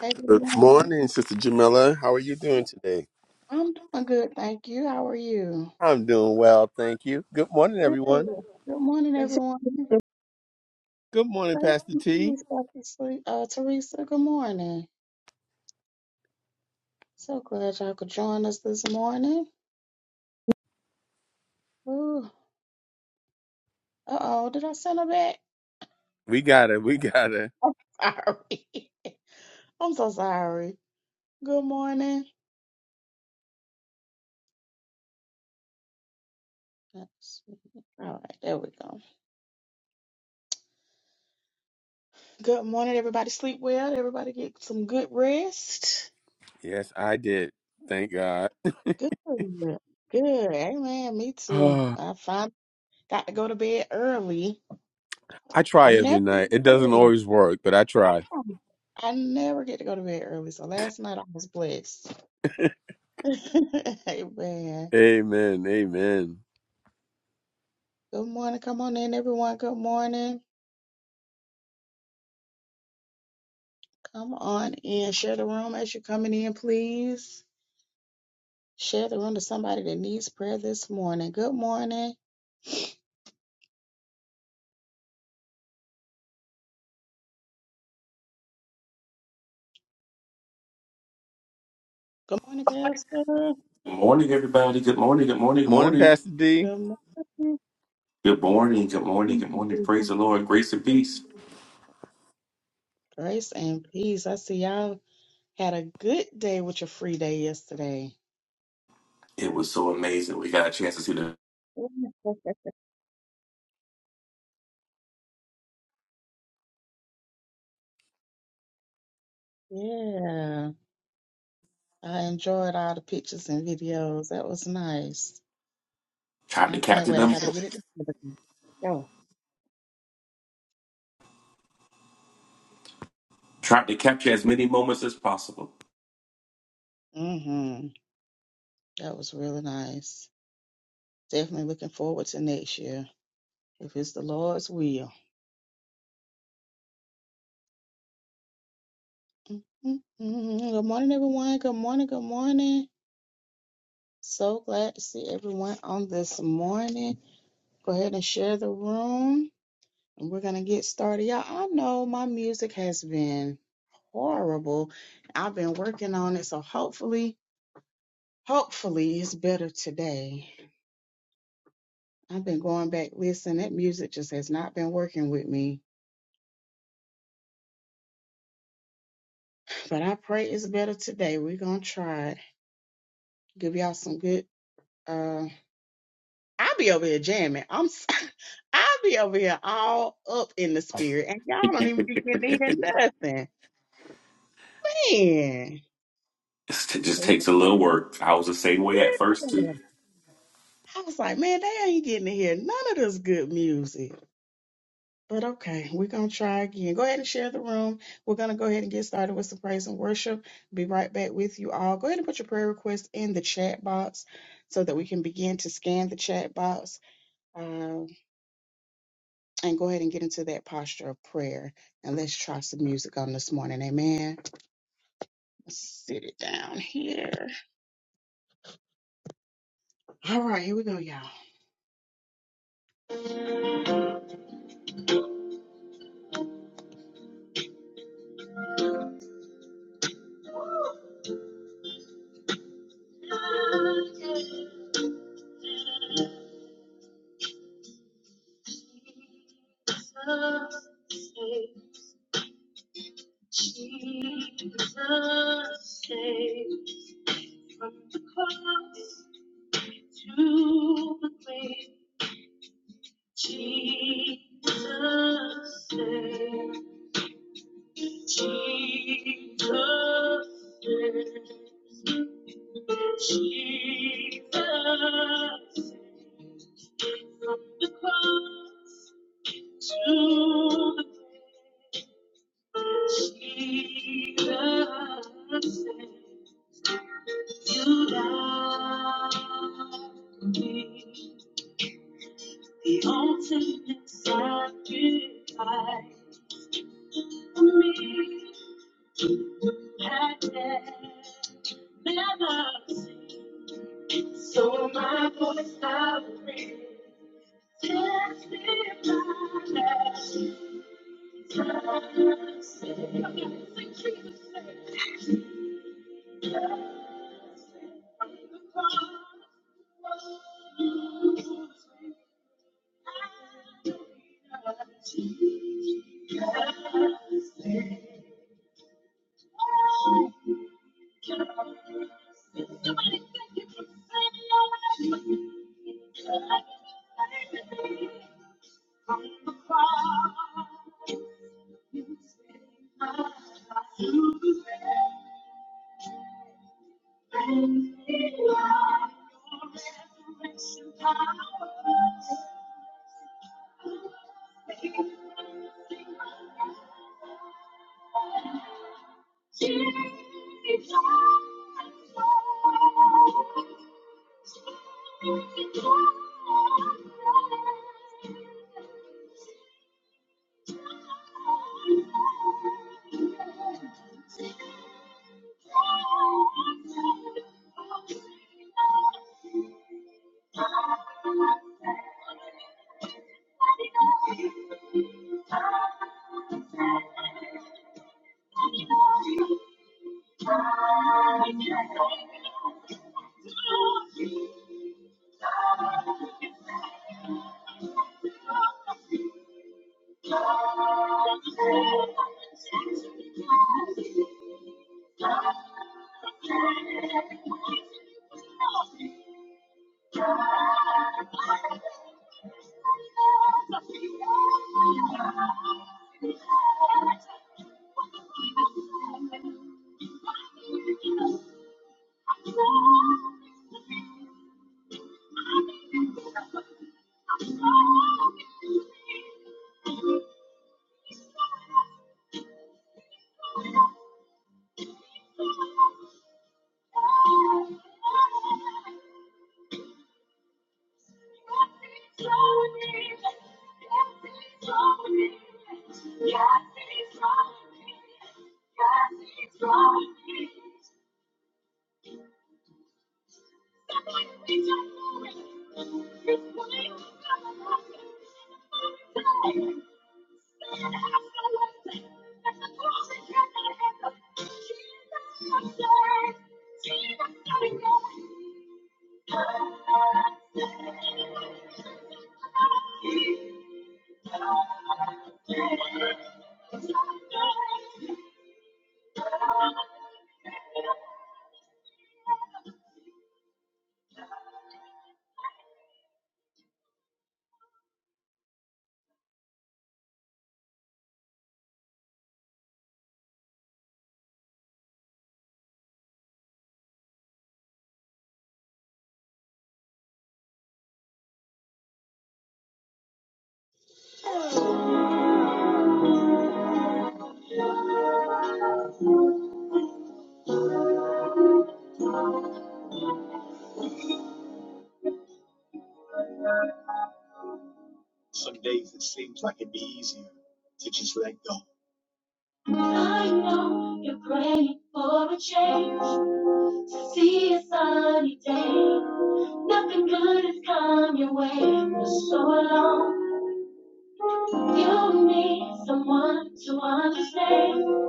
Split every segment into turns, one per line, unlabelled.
Hey, good
Good
morning.
morning, Sister Jamila. How are you doing today?
I'm doing good, thank you. How are you?
I'm doing well, thank you. Good morning,
Good.
everyone.
Good morning,
They said,
everyone.
Good morning,
Thank
Pastor
you,
T.
please, Dr. Sle- Uh, Teresa, good morning. So glad y'all could join us this morning. Ooh. Uh-oh, did I send her back?
We got it. We got it.
I'm sorry. I'm so sorry. Good morning. Let's see. All right, there we go. Good morning, everybody. Sleep well. Everybody get some good rest.
Yes, I did. Thank God.
Good. Good. Amen. Me too.
Ah,
I finally Got to go to bed early.
I
I
try every
never get
night.
to
It
go
doesn't
to
always work, but I try.
bed. I never get to go to bed early. So last night I was blessed. Amen.
Amen. Amen.
Good morning. Come on in, everyone. Good morning. Come on in. Share the room as you're coming in, please. Share the room to somebody that needs prayer this morning. Good morning. Good morning, Pastor.
Good morning, everybody. Good morning. Good morning. Good
Morning,
morning.
Pastor D.
Good morning.
Good morning. Good morning. Good morning. Praise the Lord. Grace and peace.
Grace and peace. I see y'all had a good day with your free day yesterday.
It was so amazing. We got a chance to see them.
Yeah. I enjoyed all the pictures and videos. That was nice.
trying to
I can't
capture
wait. I
them,
got to get it together. Go.
trying to capture as many moments as possible.
Mm-hmm. That was really nice. Definitely looking forward to next year, if it's the Lord's will. Mm-hmm. Good morning, everyone. Good morning. Good morning. So glad to see everyone on this morning. Go ahead and share the room, and we're gonna get started. Y'all, I know my music has been horrible. I've been working on it, so hopefully. Hopefully it's better today. I've been going back, listen, that music just has not been working with me. But I pray it's better today. We're gonna try it. Give y'all some good uh I'll be over here jamming. I'm s- I'll be over here all up in the spirit and y'all don't even begin to hear
it
nothing. Man.
just
But
takes a little work. I was the same way at first too.
yeah. I was like, man, they ain't getting to hear none of this good music. But okay, we're going to try again. Go ahead and share the room. We're going to go ahead and get started with some praise and worship. Be right back with you all. Go ahead and put your prayer request in the chat box so that we can begin to scan the chat box um, and go ahead and get into that posture of prayer. And let's try some music on this morning. Amen. Let's sit it down here. All right, here we go, y'all. Jesus saves from the cross to the grave. Jesus saves. Jesus saves. Jesus saves. from the cross to the grave. Jesus saves. You died for me, the ultimate sacrifice for me. I never seen. So my voice I will raise, testify that Jesus saved. Come on, sing Jesus saved. Jesus saved. From the cross, you will save. Power. Thank you. Yeah. Some days it seems like it'd be easier to just let go. I know you're praying for a change to see a sunny day. Nothing good has come your way for so long. You need someone to understand.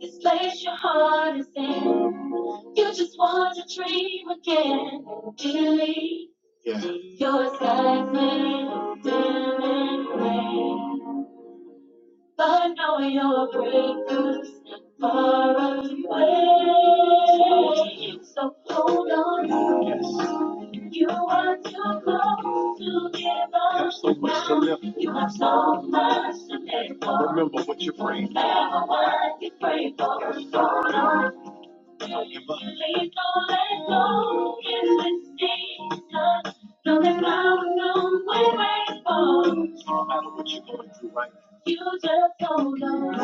This place your heart is in. You just want to dream again. Delete yeah. your sky's little dim and gray. But know your breakthroughs not far away. So hold on. Yes. You are too close to give up. Have so much to live. You have so much to live for. Remember what you pray. Remember what you pray for. Hold on. Don't give up. Please don't let go in this season. Know there's mountain room we wait for. No matter what you're going through right now. You just hold on.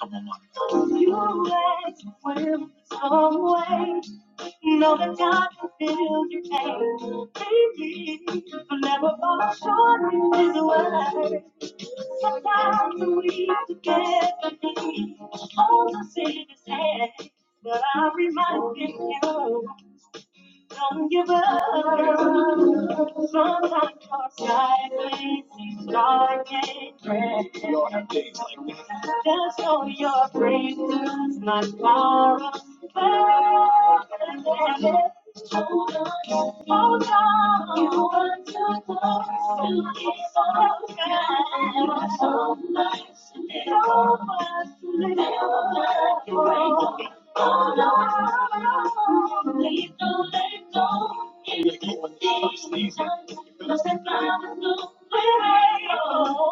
Come on, Monica. You wait, will always. Know that God fulfills your pain. Believe, will never fall short of His word. Sometimes we forget the need. All the sin is hand, but I remind you. Don't give up. Sometimes our sky is dark and gray. We all have days like this. Just know your breakthrough's not far away. Hold on. Hold on, you want to go? to So bad. So much, so much to live for. Oh no, please don't let go. In the distance, these must have found a way. Oh,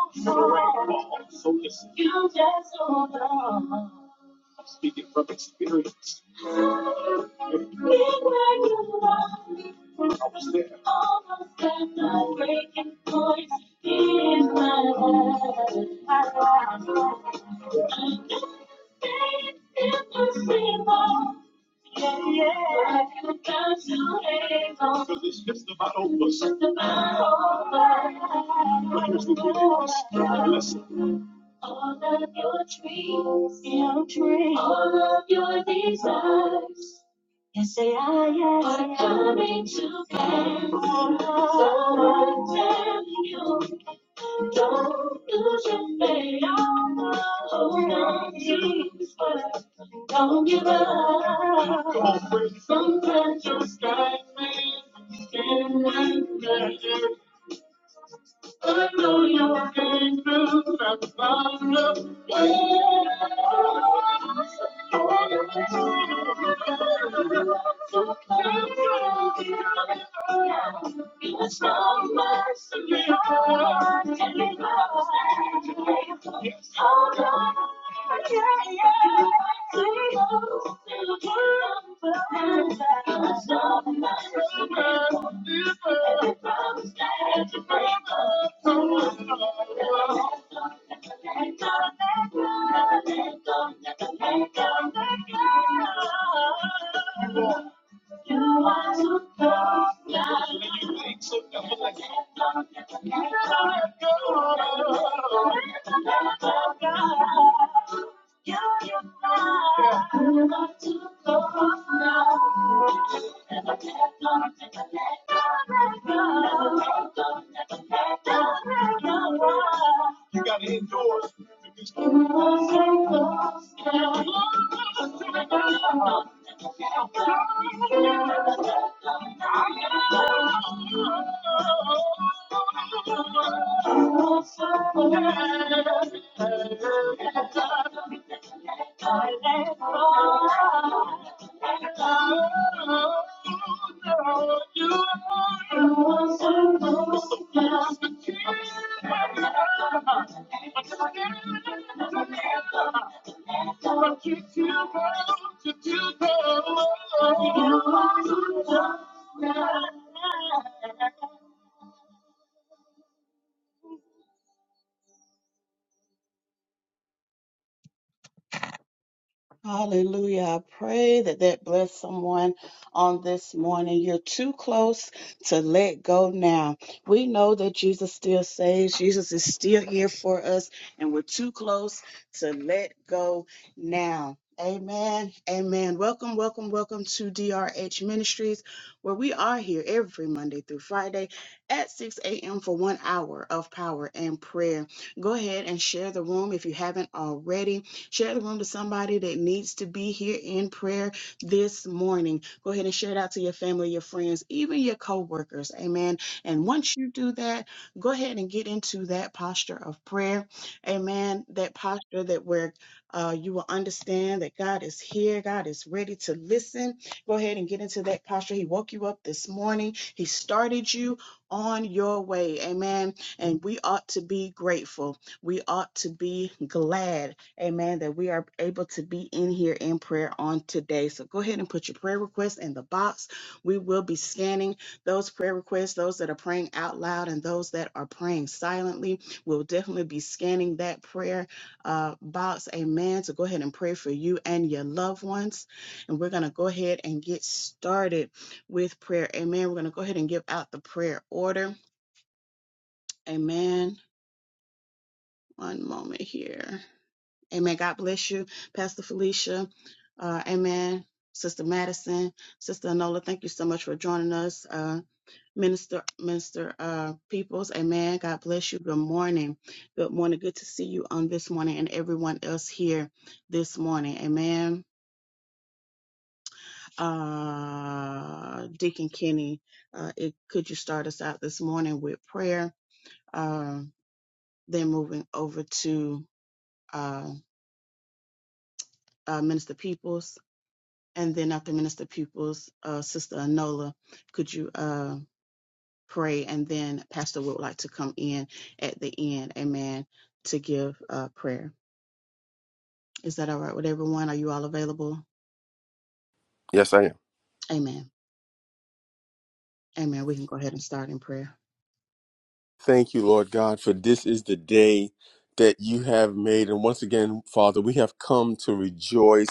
so listen. You just hold on. I'm Speaking from experience. I was there. Almost at the breaking point in my life. Because it's just about over. It's just about over. When it's the finished blessing. All of your dreams, your dreams, all of your desires. Yes, they are, yes, are coming to pass. So I'm telling you, don't lose your faith. Hold on to His word. Don't give up. Sometimes you sky me in wonder. "Oh, no, no, I know you're angry, yeah, yeah. Let go, let go, let go, let go, let go. You are the first time. You make so dumb like that. You are too close now. Never let go, never let go, never let go, never let go, never let go. You gotta endorse to be strong. Hallelujah. I pray that that bless someone on this morning. You're too close to let go now. We know that Jesus still saves. Jesus is still here for us, and we're too close to let go now. Amen. Amen. Welcome, welcome, welcome to DRH Ministries, where we are here every Monday through Friday at 6 a.m. for one hour of power and prayer. Go ahead and share the room if you haven't already Share the room to somebody that needs to be here in prayer this morning. Go ahead and share it out to your family, your friends, even your co-workers. Amen. And once you do that, go ahead and get into that posture of prayer. Amen. That posture that where uh, you will understand that God is here, God is ready to listen. Go ahead and get into that posture. He woke you up this morning, He started you on your way. Amen. And we ought to be grateful. We ought to be glad Amen. That we are able to be in here in prayer on today. So go ahead and put your prayer requests in the box. We will be scanning those prayer requests, those that are praying out loud and those that are praying silently. We'll definitely be scanning that prayer uh, box. Amen. So go ahead and pray for you and your loved ones. And we're going to go ahead and get started with prayer. Amen. We're going to go ahead and give out the prayer order. Amen. One moment here. Amen. God bless you, Pastor Felicia. Uh, amen. Sister Madison, Sister Anola, thank you so much for joining us. Uh, Minister, Minister uh, Peoples, amen. God bless you. Good morning. Good morning. Good to see you on this morning and everyone else here this morning. Amen. Uh, Deacon Kenny, uh, it, could you start us out this morning with prayer? Um, then moving over to uh, uh, Minister Peoples And then after Minister Pupils, uh, Sister Anola, could you uh, pray? And then Pastor would like to come in at the end, amen, to give uh, prayer. Is that all right with everyone? Are you all available?
Yes, I am.
Amen. Amen. We can go ahead and start in prayer.
Thank you, Lord God, for this is the day that you have made. And once again, Father, we have come to rejoice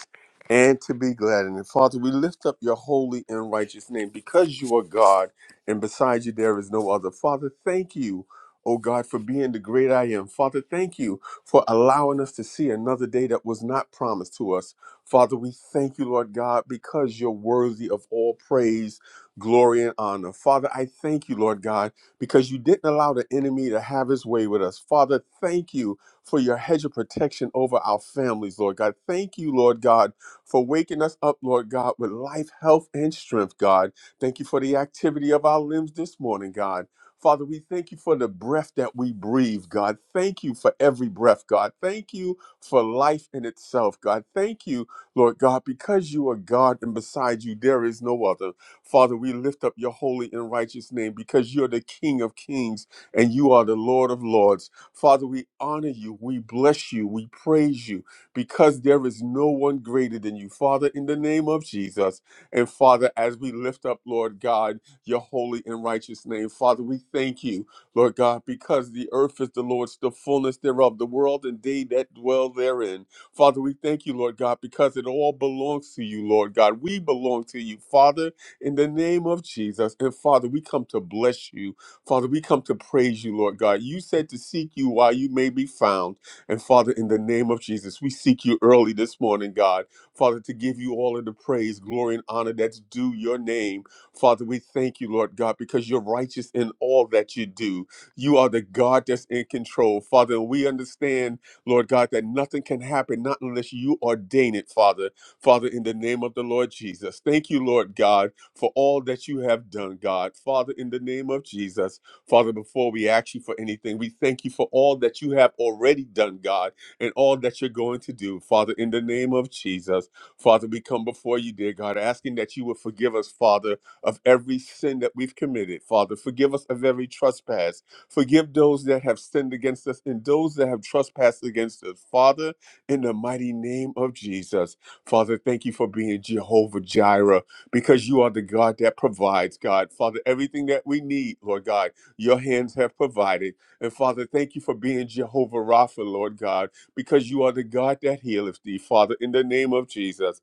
and to be glad in it. Father, we lift up your holy and righteous name because you are God and beside you there is no other. Father, thank you. Oh God, for being the great I am. Father, thank you for allowing us to see another day that was not promised to us. Father, we thank you, Lord God, because you're worthy of all praise, glory, and honor. Father, I thank you, Lord God because you didn't allow the enemy to have his way with us. Father, thank you for your hedge of protection over our families, Lord God. Thank you, Lord God, for waking us up, Lord God, with life, health, and strength, God. Thank you for the activity of our limbs this morning, God. Father, we thank you for the breath that we breathe, God. Thank you for every breath, God. Thank you for life in itself, God. Thank you, Lord God, because you are God and beside you there is no other. Father, we lift up your holy and righteous name because you're the King of kings and you are the Lord of lords. Father, we honor you, we bless you, we praise you because there is no one greater than you, Father, in the name of Jesus. And Father, as we lift up, Lord God, your holy and righteous name, Father, we thank you, Lord God, because the earth is the Lord's, the fullness thereof, the world and they that dwell therein. Father, we thank you, Lord God, because it all belongs to you, Lord God. We belong to you, Father in the name of Jesus. And Father, we come to bless you. Father, we come to praise you, Lord God. You said to seek you while you may be found. And Father, in the name of Jesus, we seek you early this morning, God. Father, to give you all of the praise, glory, and honor that's due your name. Father, we thank you, Lord God, because you're righteous in all that you do. You are the God that's in control, Father. And we understand, Lord God, that nothing can happen not unless you ordain it, Father. Father, in the name of the Lord Jesus. Thank you, Lord God for all that you have done, God. Father, in the name of Jesus, Father, before we ask you for anything, we thank you for all that you have already done, God, and all that you're going to do. Father, in the name of Jesus, Father, we come before you, dear God, asking that you would forgive us, Father, of every sin that we've committed. Father, forgive us of every trespass. Forgive those that have sinned against us and those that have trespassed against us. Father, in the mighty name of Jesus, Father, thank you for being Jehovah Jireh because you are the God that provides, God. Father, everything that we need, Lord God, your hands have provided. And Father, thank you for being Jehovah Rapha, Lord God, because you are the God that healeth thee, Father, in the name of Jesus.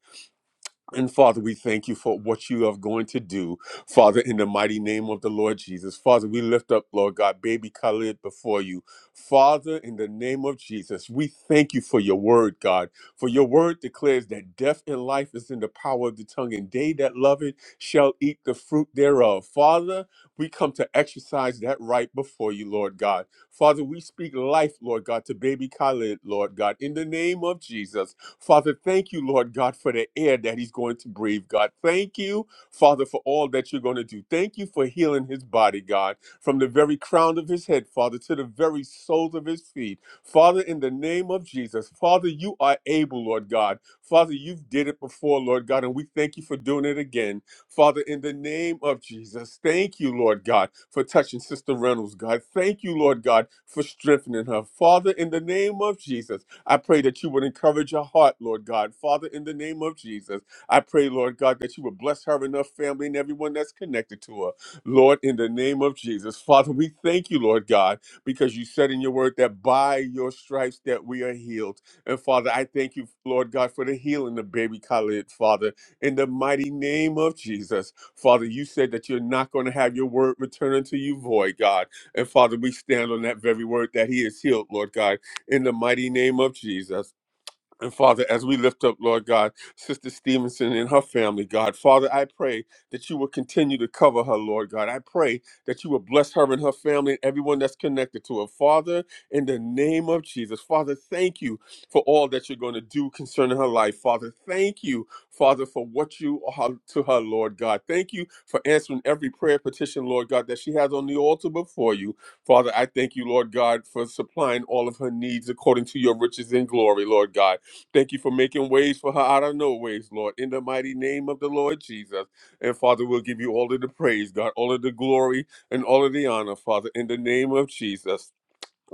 And Father, we thank you for what you are going to do, Father, in the mighty name of the Lord Jesus. Father, we lift up, Lord God, baby Khalid before you. Father, in the name of Jesus, we thank you for your word, God. For your word declares that death and life is in the power of the tongue, and they that love it shall eat the fruit thereof. Father, we come to exercise that right before you, Lord God. Father, we speak life, Lord God, to baby Khalid, Lord God, in the name of Jesus. Father, thank you, Lord God, for the air that he's going to breathe, God. Thank you, Father, for all that you're going to do. Thank you for healing his body, God, from the very crown of his head, Father, to the very soles of his feet. Father, in the name of Jesus, Father, you are able, Lord God. Father, you've did it before, Lord God, and we thank you for doing it again. Father, in the name of Jesus, thank you, Lord God, for touching Sister Reynolds, God. Thank you, Lord God, for strengthening her. Father, in the name of Jesus, I pray that you would encourage her heart, Lord God. Father, in the name of Jesus, I pray, Lord God, that you would bless her and her family and everyone that's connected to her. Lord, in the name of Jesus. Father, we thank you, Lord God, because you said in your word that by your stripes that we are healed. And Father, I thank you, Lord God, for the healing of baby Khalid, Father, in the mighty name of Jesus. Father, you said that you're not going to have your word return unto you void, God. And Father, we stand on that very word that he is healed, Lord God in the mighty name of Jesus. And Father, as we lift up, Lord God, Sister Stevenson and her family, God, Father, I pray that you will continue to cover her, Lord God. I pray that you will bless her and her family and everyone that's connected to her. Father, in the name of Jesus, Father, thank you for all that you're going to do concerning her life. Father, thank you, Father, for what you are to her, Lord God. Thank you for answering every prayer petition, Lord God, that she has on the altar before you. Father, I thank you, Lord God, for supplying all of her needs according to your riches in glory, Lord God. Thank you for making ways for her out of no ways, Lord. In the mighty name of the Lord Jesus. And Father, we'll give you all of the praise, God, all of the glory and all of the honor, Father, in the name of Jesus.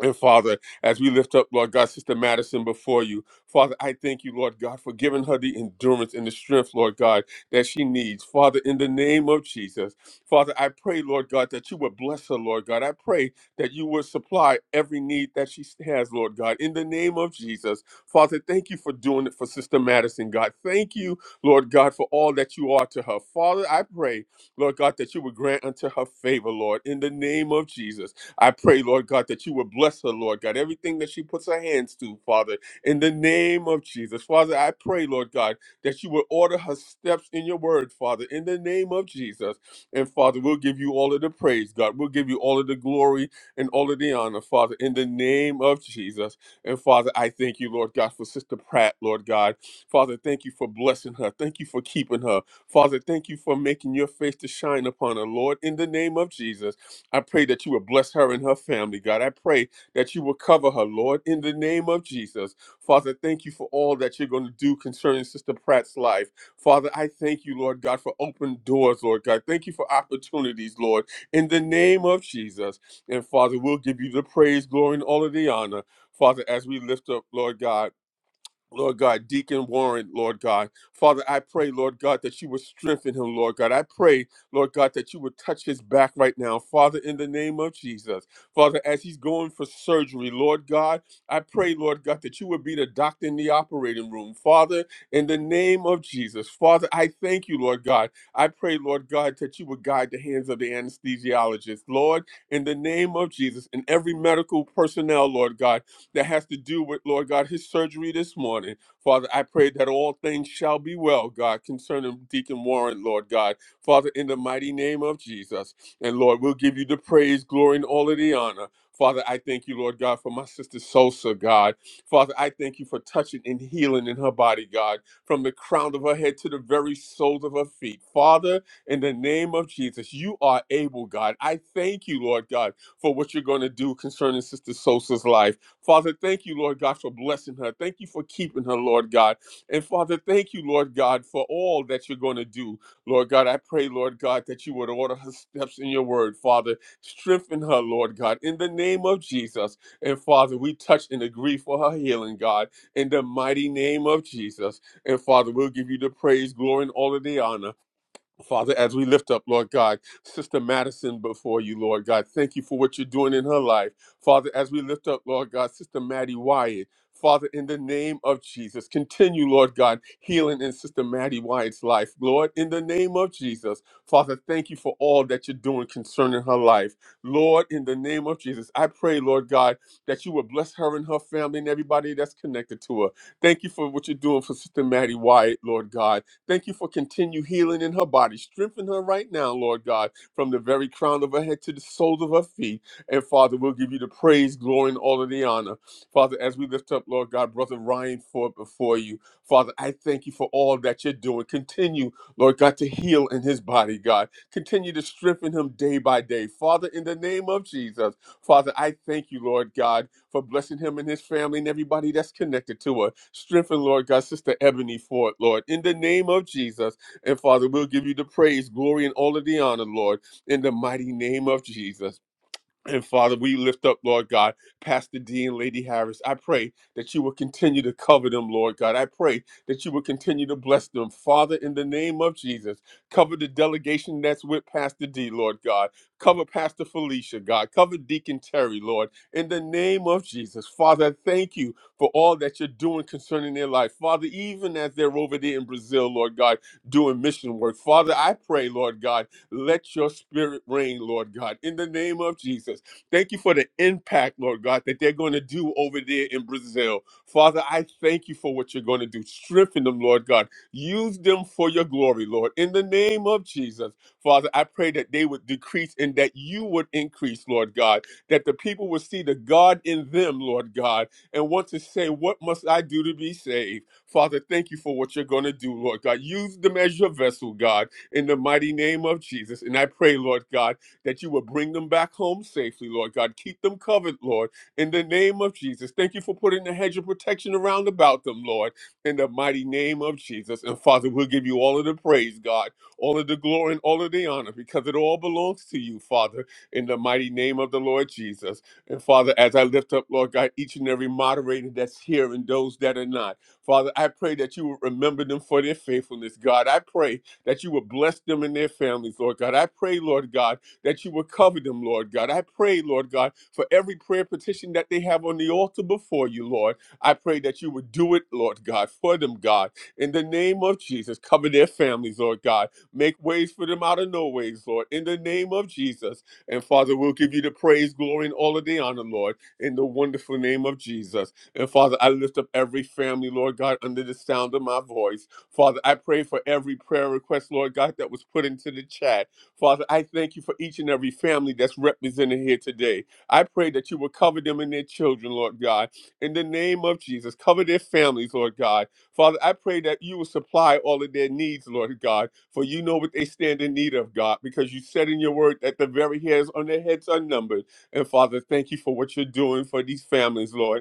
And Father, as we lift up, Lord God, Sister Madison before you, Father, I thank you, Lord God, for giving her the endurance and the strength, Lord God, that she needs. Father, in the name of Jesus, Father, I pray, Lord God, that you would bless her, Lord God. I pray that you would supply every need that she has, Lord God, in the name of Jesus. Father, thank you for doing it for Sister Madison, God. Thank you, Lord God, for all that you are to her. Father, I pray, Lord God, that you would grant unto her favor, Lord, in the name of Jesus. I pray, Lord God, that you would bless her, Lord God, everything that she puts her hands to, Father, in the name of Jesus. Father, I pray, Lord God, that you would order her steps in your word, Father, in the name of Jesus. And Father, we'll give you all of the praise, God. We'll give you all of the glory and all of the honor, Father, in the name of Jesus. And Father, I thank you, Lord God, for Sister Pratt, Lord God. Father, thank you for blessing her. Thank you for keeping her. Father, thank you for making your face to shine upon her, Lord, in the name of Jesus. I pray that you will bless her and her family, God. I pray that you will cover her, Lord, in the name of Jesus. Father, thank you for all that you're going to do concerning Sister Pratt's life. Father, I thank you, Lord God, for open doors, Lord God. Thank you for opportunities, Lord, in the name of Jesus. And Father, we'll give you the praise, glory, and all of the honor. Father, as we lift up, Lord God. Lord God, Deacon Warren, Lord God. Father, I pray, Lord God, that you would strengthen him, Lord God. I pray, Lord God, that you would touch his back right now, Father, in the name of Jesus. Father, as he's going for surgery, Lord God, I pray, Lord God, that you would be the doctor in the operating room, Father, in the name of Jesus. Father, I thank you, Lord God. I pray, Lord God, that you would guide the hands of the anesthesiologist, Lord, in the name of Jesus, and every medical personnel, Lord God that has to do with, Lord God, his surgery this morning. Father, I pray that all things shall be well, God, concerning Deacon Warren, Lord God. Father, in the mighty name of Jesus. And Lord, we'll give you the praise, glory, and all of the honor. Father, I thank you, Lord God, for my sister Sosa, God. Father, I thank you for touching and healing in her body, God, from the crown of her head to the very soles of her feet. Father, in the name of Jesus, you are able, God. I thank you, Lord God, for what you're going to do concerning Sister Sosa's life. Father, thank you, Lord God, for blessing her. Thank you for keeping her, Lord God. And Father, thank you, Lord God, for all that you're going to do. Lord God, I pray, Lord God, that you would order her steps in your word, Father. Strengthen her, Lord God, in the name of Jesus. And Father, we touch and agree for her healing, God, in the mighty name of Jesus. And Father, we'll give you the praise, glory, and all of the honor. Father, as we lift up, Lord God, Sister Madison before you, Lord God, thank you for what you're doing in her life. Father, as we lift up, Lord God, Sister Maddie Wyatt, Father, in the name of Jesus, continue, Lord God, healing in Sister Maddie Wyatt's life. Lord, in the name of Jesus, Father, thank you for all that you're doing concerning her life. Lord, in the name of Jesus, I pray, Lord God, that you will bless her and her family and everybody that's connected to her. Thank you for what you're doing for Sister Maddie Wyatt, Lord God. Thank you for continued healing in her body. Strengthen her right now, Lord God, from the very crown of her head to the soles of her feet. And Father, we'll give you the praise, glory, and all of the honor. Father, as we lift up, Lord God, Brother Ryan for before you. Father, I thank you for all that you're doing. Continue, Lord God, to heal in his body, God. Continue to strengthen him day by day. Father, in the name of Jesus. Father, I thank you, Lord God, for blessing him and his family and everybody that's connected to her. Strengthen, Lord God, Sister Ebony for it, Lord. In the name of Jesus. And Father, we'll give you the praise, glory, and all of the honor, Lord, in the mighty name of Jesus. And Father, we lift up, Lord God, Pastor D and Lady Harris. I pray that you will continue to cover them, Lord God. I pray that you will continue to bless them. Father, in the name of Jesus, cover the delegation that's with Pastor D, Lord God. Cover Pastor Felicia, God. Cover Deacon Terry, Lord. In the name of Jesus, Father, I thank you for all that you're doing concerning their life. Father, even as they're over there in Brazil, Lord God, doing mission work. Father, I pray, Lord God let your spirit reign, Lord God, in the name of Jesus. Thank you for the impact, Lord God, that they're going to do over there in Brazil. Father, I thank you for what you're going to do. Strengthen them, Lord God. Use them for your glory, Lord, in the name of Jesus. Father, I pray that they would decrease and that you would increase, Lord God, that the people would see the God in them, Lord God, and want to say, What must I do to be saved? Father, thank you for what you're going to do, Lord God. Use them as your vessel, God in the mighty name of Jesus. And I pray, Lord God, that you will bring them back home safely, Lord God. Keep them covered, Lord, in the name of Jesus. Thank you for putting the hedge of protection around about them, Lord, in the mighty name of Jesus. And Father, we'll give you all of the praise, God, all of the glory and all of the honor, because it all belongs to you, Father, in the mighty name of the Lord Jesus. And Father, as I lift up, Lord God, each and every moderator that's here and those that are not, Father, I pray that you will remember them for their faithfulness, God. I pray that you would bless them and their families, Lord God. I pray, Lord God, that you would cover them, Lord God. I pray, Lord God, for every prayer petition that they have on the altar before you, Lord. I pray that you would do it, Lord God, for them, God. In the name of Jesus, cover their families, Lord God. Make ways for them out of no ways, Lord. In the name of Jesus. And Father, we'll give you the praise, glory, and all of the honor, Lord, in the wonderful name of Jesus. And Father, I lift up every family, Lord God, under the sound of my voice. Father, I pray for every prayer request, Lord God, that was put into the chat. Father, I thank you for each and every family that's represented here today. I pray that you will cover them and their children, Lord God. In the name of Jesus, cover their families, Lord God. Father, I pray that you will supply all of their needs, Lord God, for you know what they stand in need of, God, because you said in your word that the very hairs on their heads are numbered. And Father, thank you for what you're doing for these families, Lord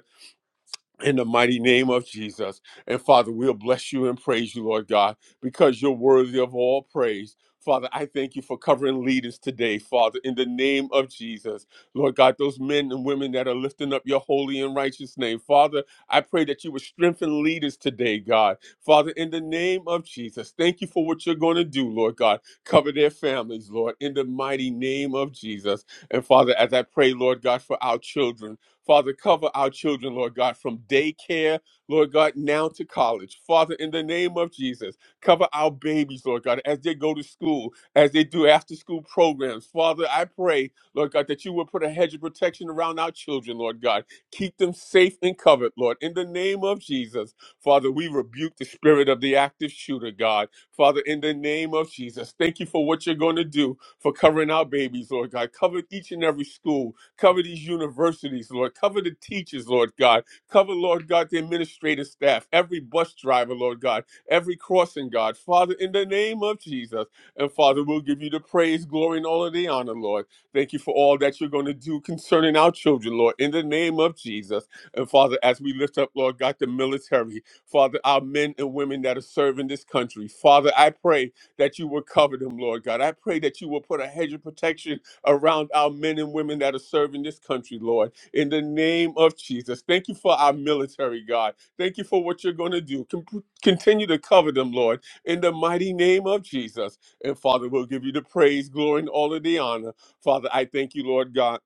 in the mighty name of Jesus. And Father, we'll bless you and praise you, Lord God, because you're worthy of all praise. Father, I thank you for covering leaders today, Father, in the name of Jesus. Lord God, those men and women that are lifting up your holy and righteous name. Father, I pray that you would strengthen leaders today, God. Father, in the name of Jesus, thank you for what you're going to do, Lord God. Cover their families, Lord, in the mighty name of Jesus. And Father, as I pray, Lord God, for our children. Father, cover our children, Lord God, from daycare, Lord God, now to college. Father, in the name of Jesus, cover our babies, Lord God, as they go to school, as they do after school programs. Father, I pray, Lord God, that you will put a hedge of protection around our children, Lord God. Keep them safe and covered, Lord. In the name of Jesus, Father, we rebuke the spirit of the active shooter, God. Father, in the name of Jesus, thank you for what you're going to do for covering our babies, Lord God. Cover each and every school, Cover these universities, Lord. Cover the teachers, Lord God. Cover, Lord God, the administrative staff, every bus driver, Lord God, every crossing guard. Father, in the name of Jesus. And Father, we'll give you the praise, glory, and all of the honor, Lord. Thank you for all that you're going to do concerning our children, Lord, in the name of Jesus. And Father, as we lift up, Lord God, the military, Father, our men and women that are serving this country, Father, I pray that you will cover them, Lord God. I pray that you will put a hedge of protection around our men and women that are serving this country, Lord, in the name of Jesus. Thank you for our military, God. Thank you for what you're going to do. Con- continue to cover them, Lord, in the mighty name of Jesus. And Father, we'll give you the praise, glory, and all of the honor. Father, I thank you, Lord God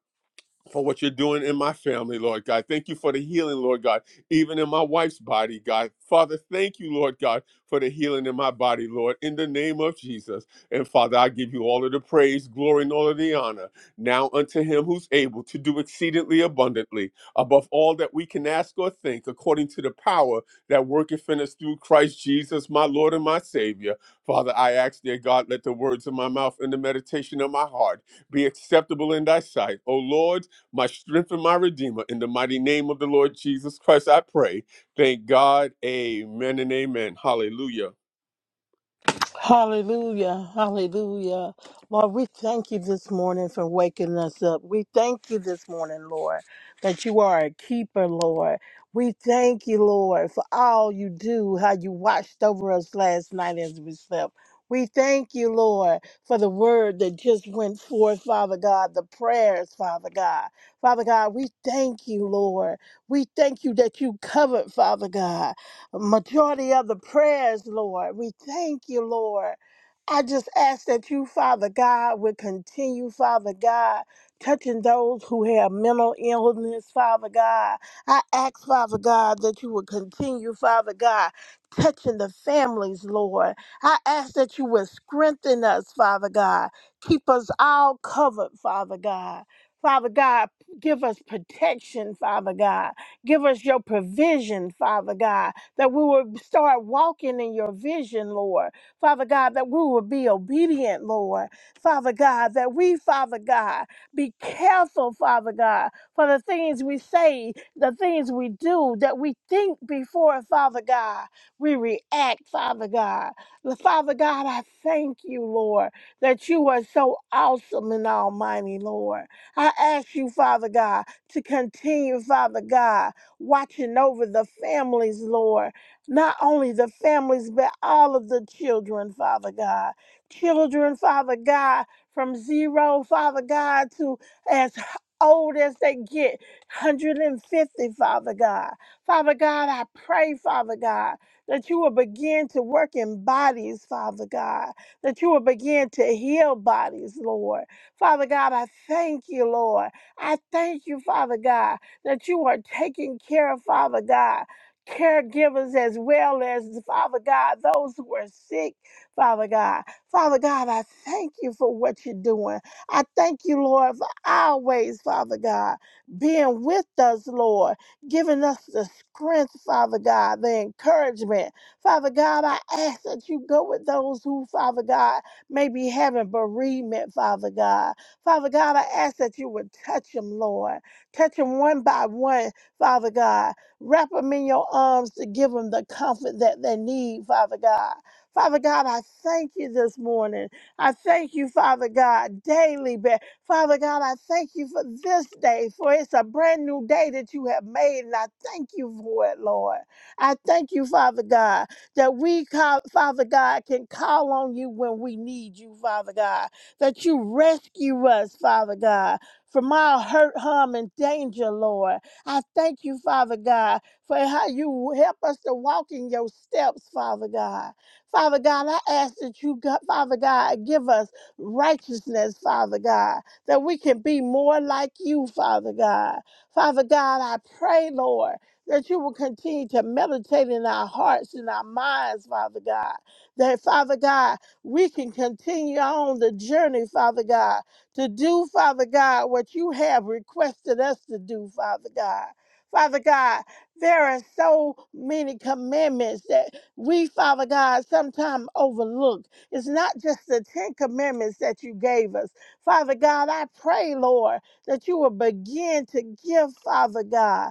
for what you're doing in my family, Lord God. Thank you for the healing, Lord God, even in my wife's body, God. Father, thank you, Lord God, for the healing in my body, Lord, in the name of Jesus. And Father, I give you all of the praise, glory, and all of the honor. Now unto him who's able to do exceedingly abundantly above all that we can ask or think, according to the power that worketh in us through Christ Jesus, my Lord and my Savior. Father, I ask, dear God, let the words of my mouth and the meditation of my heart be acceptable in thy sight. O Lord, my strength and my redeemer. In the mighty name of the Lord Jesus Christ, I pray. Thank God. Amen and amen. Hallelujah.
Hallelujah. Hallelujah. Lord, we thank you this morning for waking us up. We thank you this morning, Lord, that you are a keeper, Lord. We thank you, Lord, for all you do, how you watched over us last night as we slept. We thank you, Lord, for the word that just went forth, Father God, the prayers, Father God. Father God, we thank you, Lord. We thank you that you covered, Father God majority of the prayers, Lord. We thank you, Lord. I just ask that you, Father God, would continue, Father God, touching those who have mental illness, Father God. I ask, Father God, that you would continue, Father God, touching the families, Lord. I ask that you would strengthen us, Father God. Keep us all covered, Father God. Father God, give us protection, Father God. Give us your provision, Father God that we will start walking in your vision, Lord. Father God, that we will be obedient, Lord. Father God, that we, Father God, be careful, Father God, for the things we say, the things we do, that we think before, Father God, we react, Father God. Father God, I thank you, Lord, that you are so awesome and almighty, Lord. I ask you, Father God, to continue, Father God watching over the families, Lord. Not only the families, but all of the children, Father God. Children, Father God, from zero, Father God, to as old as they get, 150, Father God. Father God, I pray, Father God, that you will begin to work in bodies, Father God, that you will begin to heal bodies, Lord. Father God, I thank you, Lord. I thank you, Father God that you are taking care of, Father God, caregivers as well as, Father God, those who are sick, Father God. Father God, I thank you for what you're doing. I thank you, Lord, for always, Father God, being with us, Lord, giving us the strength, Father God, the encouragement. Father God, I ask that you go with those who, Father God, may be having bereavement, Father God. Father God, I ask that you would touch them, Lord. Touch them one by one, Father God. Wrap them in your arms to give them the comfort that they need, Father God. Father God, I thank you this morning. I thank you, Father God, daily. But Father God, I thank you for this day, for it's a brand new day that you have made, and I thank you for it, Lord. I thank you, Father God, that we, call, Father God, can call on you when we need you, Father God, that you rescue us, Father God from all hurt, harm, and danger, Lord. I thank you, Father God, for how you help us to walk in your steps, Father God. Father God, I ask that you, God, Father God, give us righteousness, Father God, that we can be more like you, Father God. Father God, I pray, Lord, that you will continue to meditate in our hearts and our minds, Father God. That, Father God, we can continue on the journey, Father God, to do, Father God, what you have requested us to do, Father God. Father God, there are so many commandments that we, Father God, sometimes overlook. It's not just the Ten Commandments that you gave us. Father God, I pray, Lord, that you will begin to give, Father God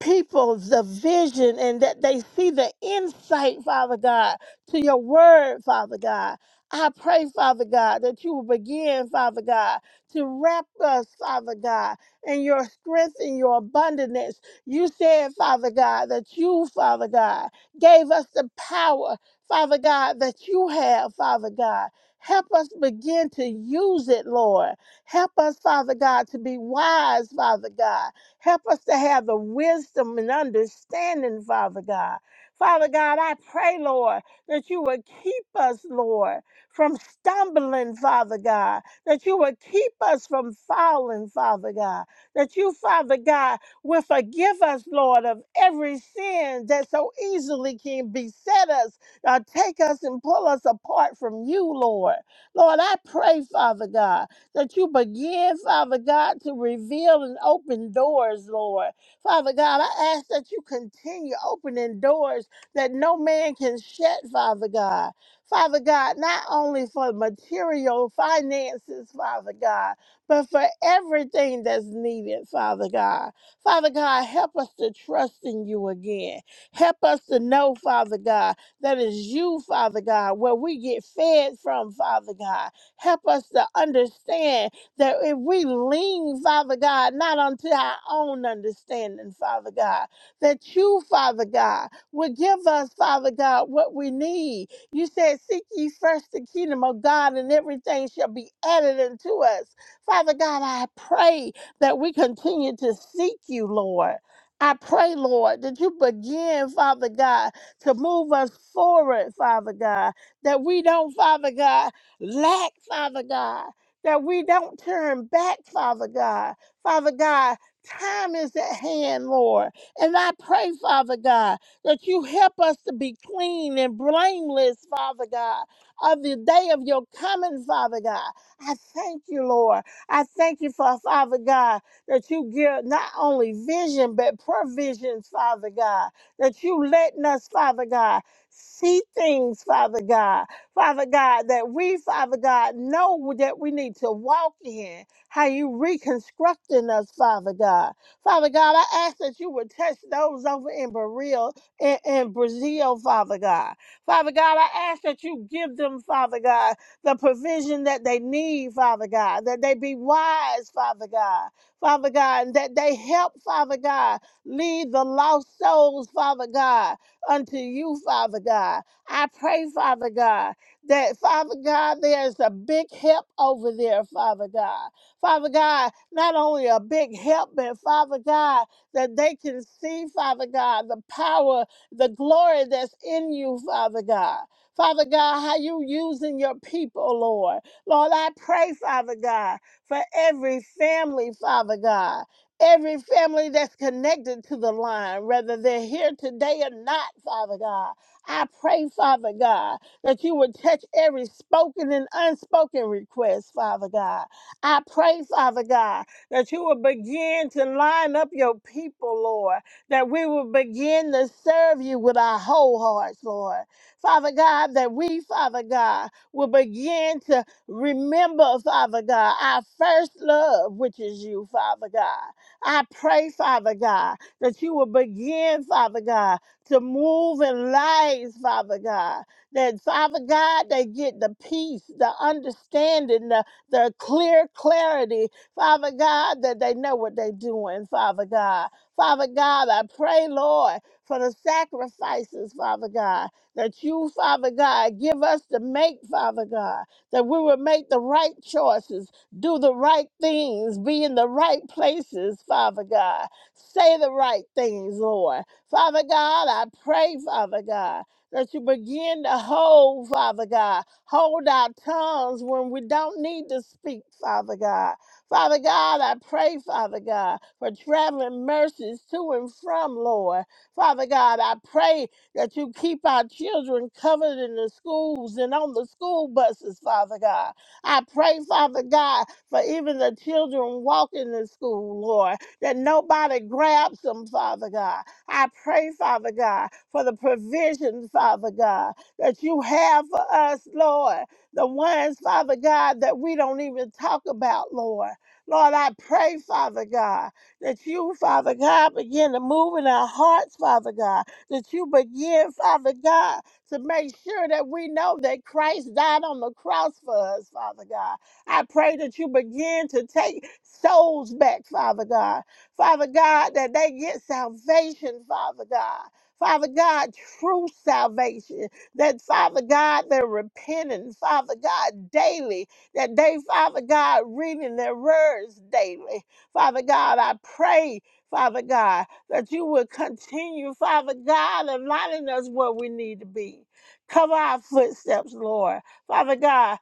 people the vision and that they see the insight, Father God, to your word, Father God. I pray, Father God, that you will begin, Father God, to wrap us, Father God, in your strength and your abundance. You said, Father God, that you, Father God, gave us the power, Father God, that you have, Father God. Help us begin to use it, Lord. Help us, Father God, to be wise, Father God. Help us to have the wisdom and understanding, Father God. Father God, I pray, Lord, that you would keep us, Lord, from stumbling, Father God, that you would keep us from falling, Father God, that you, Father God, will forgive us, Lord, of every sin that so easily can beset us, or take us and pull us apart from you, Lord. Lord, I pray, Father God that you begin, Father God, to reveal and open doors, Lord. Father God, I ask that you continue opening doors that no man can shut, Father God. Father God, not only for material finances, Father God, but for everything that's needed, Father God. Father God, help us to trust in you again. Help us to know, Father God, that is you, Father God, where we get fed from, Father God. Help us to understand that if we lean, Father God, not unto our own understanding, Father God, that you, Father God, will give us, Father God, what we need. You said, Seek ye first the kingdom of God, and everything shall be added unto us. Father God, I pray that we continue to seek you, Lord. I pray, Lord, that you begin, Father God, to move us forward, Father God, that we don't, Father God, lack, Father God, that we don't turn back, Father God. Father God, time is at hand, Lord. And I pray, Father God, that you help us to be clean and blameless, Father God, of the day of your coming, Father God. I thank you, Lord. I thank you for, Father God, that you give not only vision, but provisions, Father God, that you letting us, Father God, see things, Father God Father God, that we, Father God, know that we need to walk in how you reconstructing us, Father God. Father God, I ask that you would touch those over in Brazil, in, in Brazil, Father God. Father God, I ask that you give them, Father God, the provision that they need, Father God, that they be wise, Father God. Father God, and that they help, Father God, lead the lost souls, Father God, unto you, Father God. I pray, Father God, that Father God, there's a big help over there, Father God. Father God, not only a big help, but Father God, that they can see, Father God, the power, the glory that's in you, Father God. Father God, how you using your people, Lord. Lord, I pray, Father God, for every family, Father God. Every family that's connected to the line, whether they're here today or not, Father God. I pray, Father God that you would touch every spoken and unspoken request, Father God. I pray, Father God, that you will begin to line up your people, Lord, that we will begin to serve you with our whole hearts, Lord. Father God, that we, Father God, will begin to remember, Father God, our first love, which is you, Father God. I pray, Father God, that you will begin, Father God, to move in lives, Father God that Father God, they get the peace, the understanding, the, the clear clarity, Father God, that they know what they're doing, Father God. Father God, I pray, Lord, for the sacrifices, Father God, that you, Father God, give us to make, Father God, that we will make the right choices, do the right things, be in the right places, Father God, say the right things, Lord. Father God, I pray, Father God that you begin to hold, Father God. Hold our tongues when we don't need to speak, Father God. Father God, I pray, Father God, for traveling mercies to and from, Lord. Father God, I pray that you keep our children covered in the schools and on the school buses, Father God. I pray, Father God, for even the children walking to school, Lord, that nobody grabs them, Father God. I pray, Father God, for the provision, Father God, that you have for us, Lord. The ones, Father God, that we don't even talk about, Lord. Lord, I pray, Father God, that you, Father God, begin to move in our hearts, Father God, that you begin, Father God, to make sure that we know that Christ died on the cross for us, Father God. I pray that you begin to take souls back, Father God, Father God, that they get salvation, Father God. Father God, true salvation. That, Father God, they're repenting, Father God, daily. That they, Father God, reading their words daily. Father God, I pray, Father God, that you would continue, Father God, aligning us where we need to be. Cover our footsteps, Lord. Father God,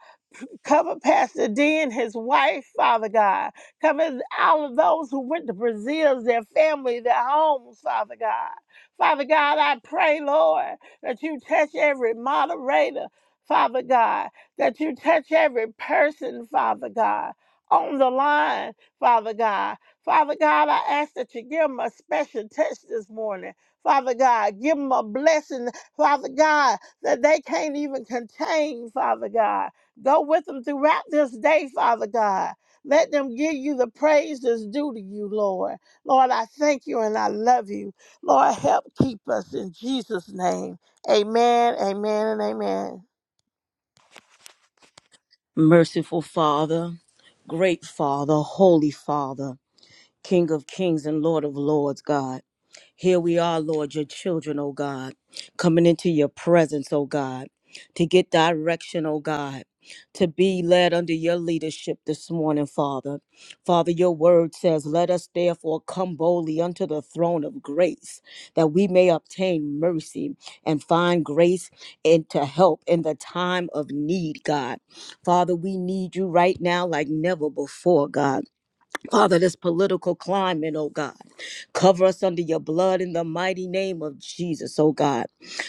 cover Pastor D and his wife, Father God. Cover all of those who went to Brazil, their family, their homes, Father God. Father God, I pray, Lord, that you touch every moderator, Father God, that you touch every person, Father God, on the line, Father God. Father God, I ask that you give them a special touch this morning. Father God, give them a blessing, Father God, that they can't even contain, Father God. Go with them throughout this day, Father God. Let them give you the praise that's due to you, Lord. Lord, I thank you and I love you. Lord, help keep us in Jesus' name. Amen, amen, and amen.
Merciful Father, great Father, holy Father, King of kings and Lord of lords, God. Here we are, Lord, your children, oh God, coming into your presence, oh God, to get direction, oh God, to be led under your leadership this morning, Father. Father, your word says, Let us therefore come boldly unto the throne of grace, that we may obtain mercy and find grace and to help in the time of need, God. Father, we need you right now like never before, God. Father, this political climate, oh God. Cover us under your blood in the mighty name of Jesus, oh God.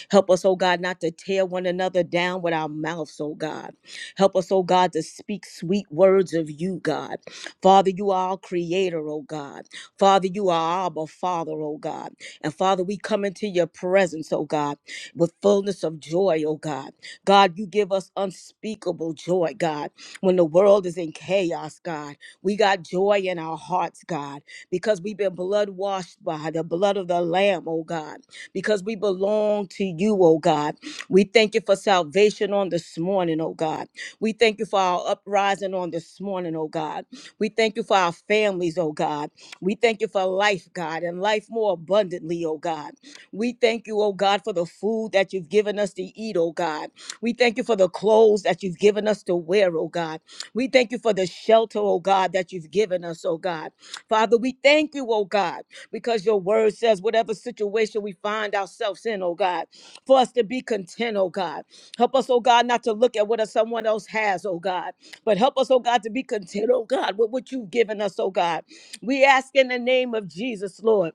Help us, oh God, not to tear one another down with our mouths, oh God. Help us, oh God, to speak sweet words of you, God. Father, you are our creator, oh God. Father, you are our Father, oh God. And Father, we come into your presence, oh God, with fullness of joy, oh God. God, you give us unspeakable joy, God, when the world is in chaos, God. We got joy in our hearts, God, because we've been blood washed by the blood of the Lamb, oh God, because we belong to you, oh God. We thank you for salvation on this morning, oh God. We thank you for our uprising on this morning, oh God. We thank you for our families, oh God. We thank you for life, God, and life more abundantly, oh God. We thank you, oh God, for the food that you've given us to eat, oh God. We thank you for the clothes that you've given us to wear, oh God. We thank you for the shelter, oh God, that you've given us in us, oh God. Father, we thank you, oh God, because your word says whatever situation we find ourselves in, oh God, for us to be content, oh God. Help us, oh God, not to look at what someone else has, oh God, but help us, oh God, to be content, oh God, with what you've given us, oh God. We ask in the name of Jesus, Lord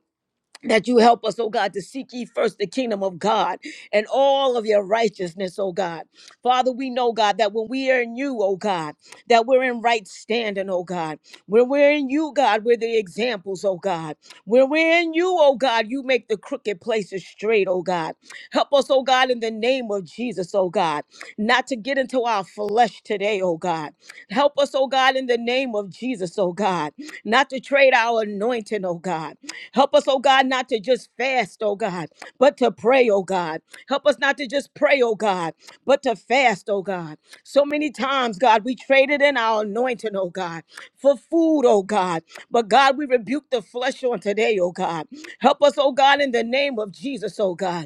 that you help us, oh God, to seek ye first the kingdom of God and all of your righteousness, oh God. Father, we know, God, that when we are in you, oh God, that we're in right standing, oh God. When we're in you, God, we're the examples, oh God. When we're in you, oh God, you make the crooked places straight, oh God. Help us, oh God, in the name of Jesus, oh God, not to get into our flesh today, oh God. Help us, oh God, in the name of Jesus, oh God, not to trade our anointing, oh God. Help us, oh God, not to just fast, oh God, but to pray, oh God. Help us not to just pray, oh God, but to fast, oh God. So many times, God, we traded in our anointing, oh God, for food, oh God. But God, we rebuke the flesh on today, oh God. Help us, oh God, in the name of Jesus, oh God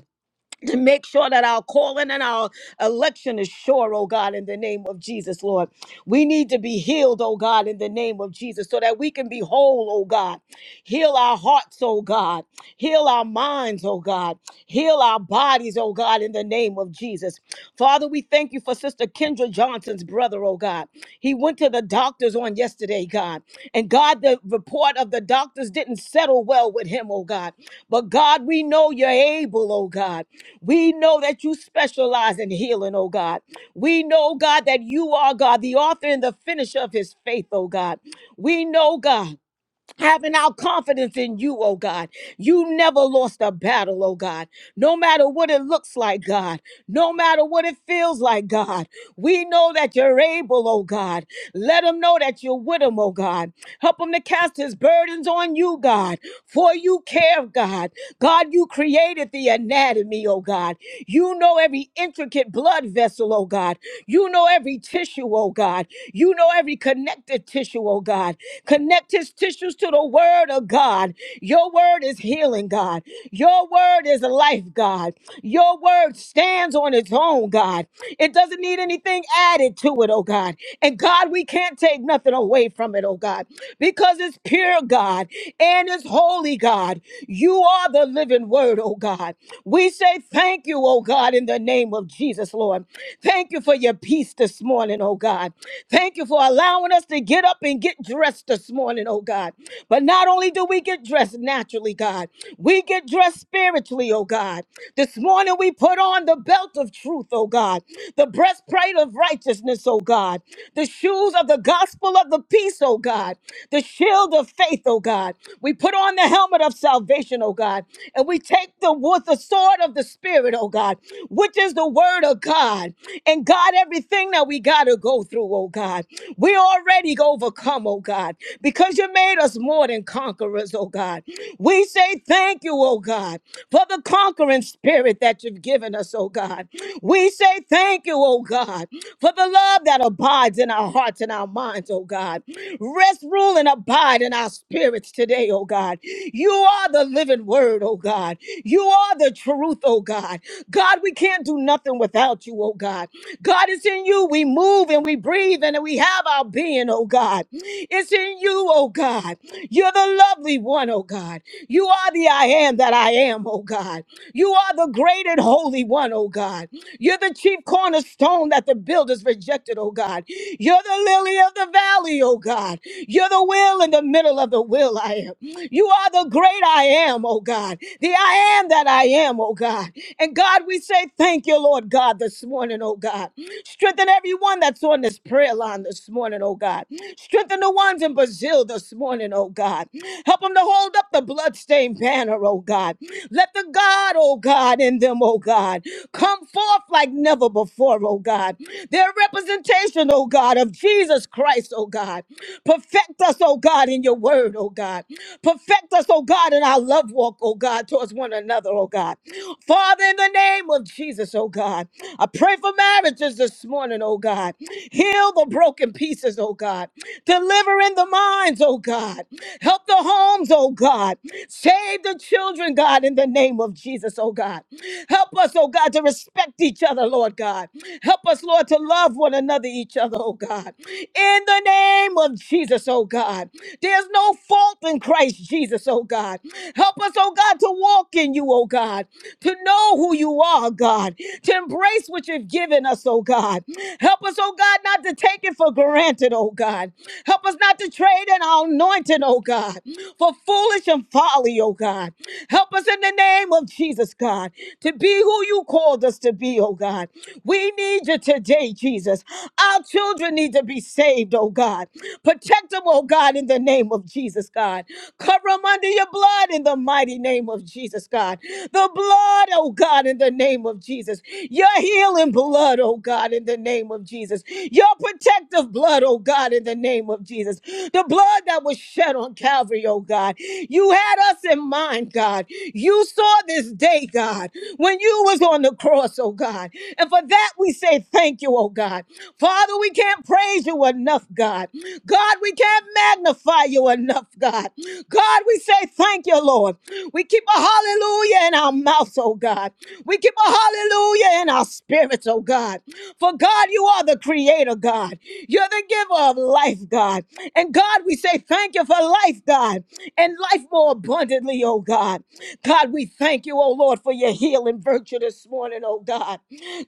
to make sure that our calling and our election is sure, oh God, in the name of Jesus, Lord. We need to be healed, oh God, in the name of Jesus, so that we can be whole, oh God. Heal our hearts, oh God. Heal our minds, oh God. Heal our bodies, oh God, in the name of Jesus. Father, we thank you for Sister Kendra Johnson's David's brother, oh God. He went to the doctors on yesterday, God. And God, the report of the doctors didn't settle well with him, oh God. But God, we know you're able, oh God. We know that you specialize in healing, oh God. We know, God, that you are, God, the author and the finisher of his faith, oh God. We know, God having our confidence in you, oh God. You never lost a battle, oh God. No matter what it looks like, God. No matter what it feels like, God. We know that you're able, oh God. Let him know that you're with him, oh God. Help him to cast his burdens on you, God. For you care, God. God, you created the anatomy, oh God. You know every intricate blood vessel, oh God. You know every tissue, oh God. You know every connection connective tissue, oh God. Connect his tissues to the word of God. Your word is healing, God. Your word is life, God. Your word stands on its own, God. It doesn't need anything added to it, oh God. And God, we can't take nothing away from it, oh God, because it's pure, God, and it's holy, God. You are the living word, oh God. We say thank you, oh God, in the name of Jesus, Lord. Thank you for your people peace this morning, oh God. Thank you for allowing us to get up and get dressed this morning, oh God. But not only do we get dressed naturally, God, we get dressed spiritually, oh God. This morning we put on the belt of truth, oh God, the breastplate of righteousness, oh God, the shoes of the gospel of the peace, oh God, the shield of faith, oh God. We put on the helmet of salvation, oh God, and we take the with the sword of the spirit, oh God which is the word of God. And God, everything that we got to go through, oh God, we already overcome, oh God, because you made us more than conquerors, oh God. We say thank you, oh God, for the conquering spirit that you've given us, oh God. We say thank you, oh God, for the love that abides in our hearts and our minds, oh God. Rest, rule, and abide in our spirits today, oh God. You are the living word, oh God. God. You are the truth, oh God. God, we can't do nothing without you, oh God. God, it's in you we move and we breathe and we have our being, oh God. It's in you, oh God. You're the lovely one, oh God. You are the I am that I am, oh God. You are the great and holy one, oh God. You're the chief cornerstone that the builders rejected, oh God. You're the lily of the valley, oh God. You're the will in the middle of the will I am. You are the great I am, oh God. The I am that I am, oh God. And God, we say thank you, Lord God, this morning, oh God. Strengthen everyone that's on this prayer line this morning, oh God. Strengthen the ones in Brazil this morning, oh God. Help them to hold up the bloodstained banner, oh God. Let the God, oh God, in them, oh God, come forth like never before, oh God. Their representation, oh God, of Jesus Christ, oh God. Perfect us, oh God, in your in your word, oh God. Perfect us, oh God, in our love walk, oh God, towards one another, oh God. Father, in the name of Jesus, oh God, I pray for marriages this morning, oh God. Heal the broken pieces, oh God. Deliver in the minds, oh God. Help the homes, oh God. Save the children, God, in the name of Jesus, oh God. Help us, oh God, to respect each other, Lord God. Help us, Lord, to love one another, each other, oh God. In the name of Jesus, oh God. There's no fault in Christ Jesus, oh God. Help us, oh God, to walk in you, oh God, to know who you are, God, to embrace what you've given us, oh God. Help us, oh God, not to take it for granted, oh God. Help us not to trade in our anointing, oh God, for foolish and folly, oh God. Help us in the name of Jesus, God, to be who you called us to be, oh God. We need you today, Jesus. Our children need to be saved, oh God. Protect them, oh God, in the name of Jesus, God. Cover them under your blood in the mighty name of Jesus, God. The blood, oh God, in the name of Jesus. Your healing blood, oh God, in the name of Jesus. Your protective blood, oh God, in the name of Jesus. The blood that was shed on Calvary, oh God. You had us in mind, God. You saw this day, God, when you was on the cross, oh God. And for that we say thank you, oh God. Father, we can't praise you enough, God. God, we can't magnify you enough, God. God, we say thank you, Lord. We keep a hallelujah in our mouths, oh God. We keep a hallelujah in our spirits, oh God. For God, you are the creator, God. You're the giver of life, God. And God, we say thank you for life, God, and life more abundantly, oh God. God, we thank you, oh Lord, for your healing virtue this morning, oh God.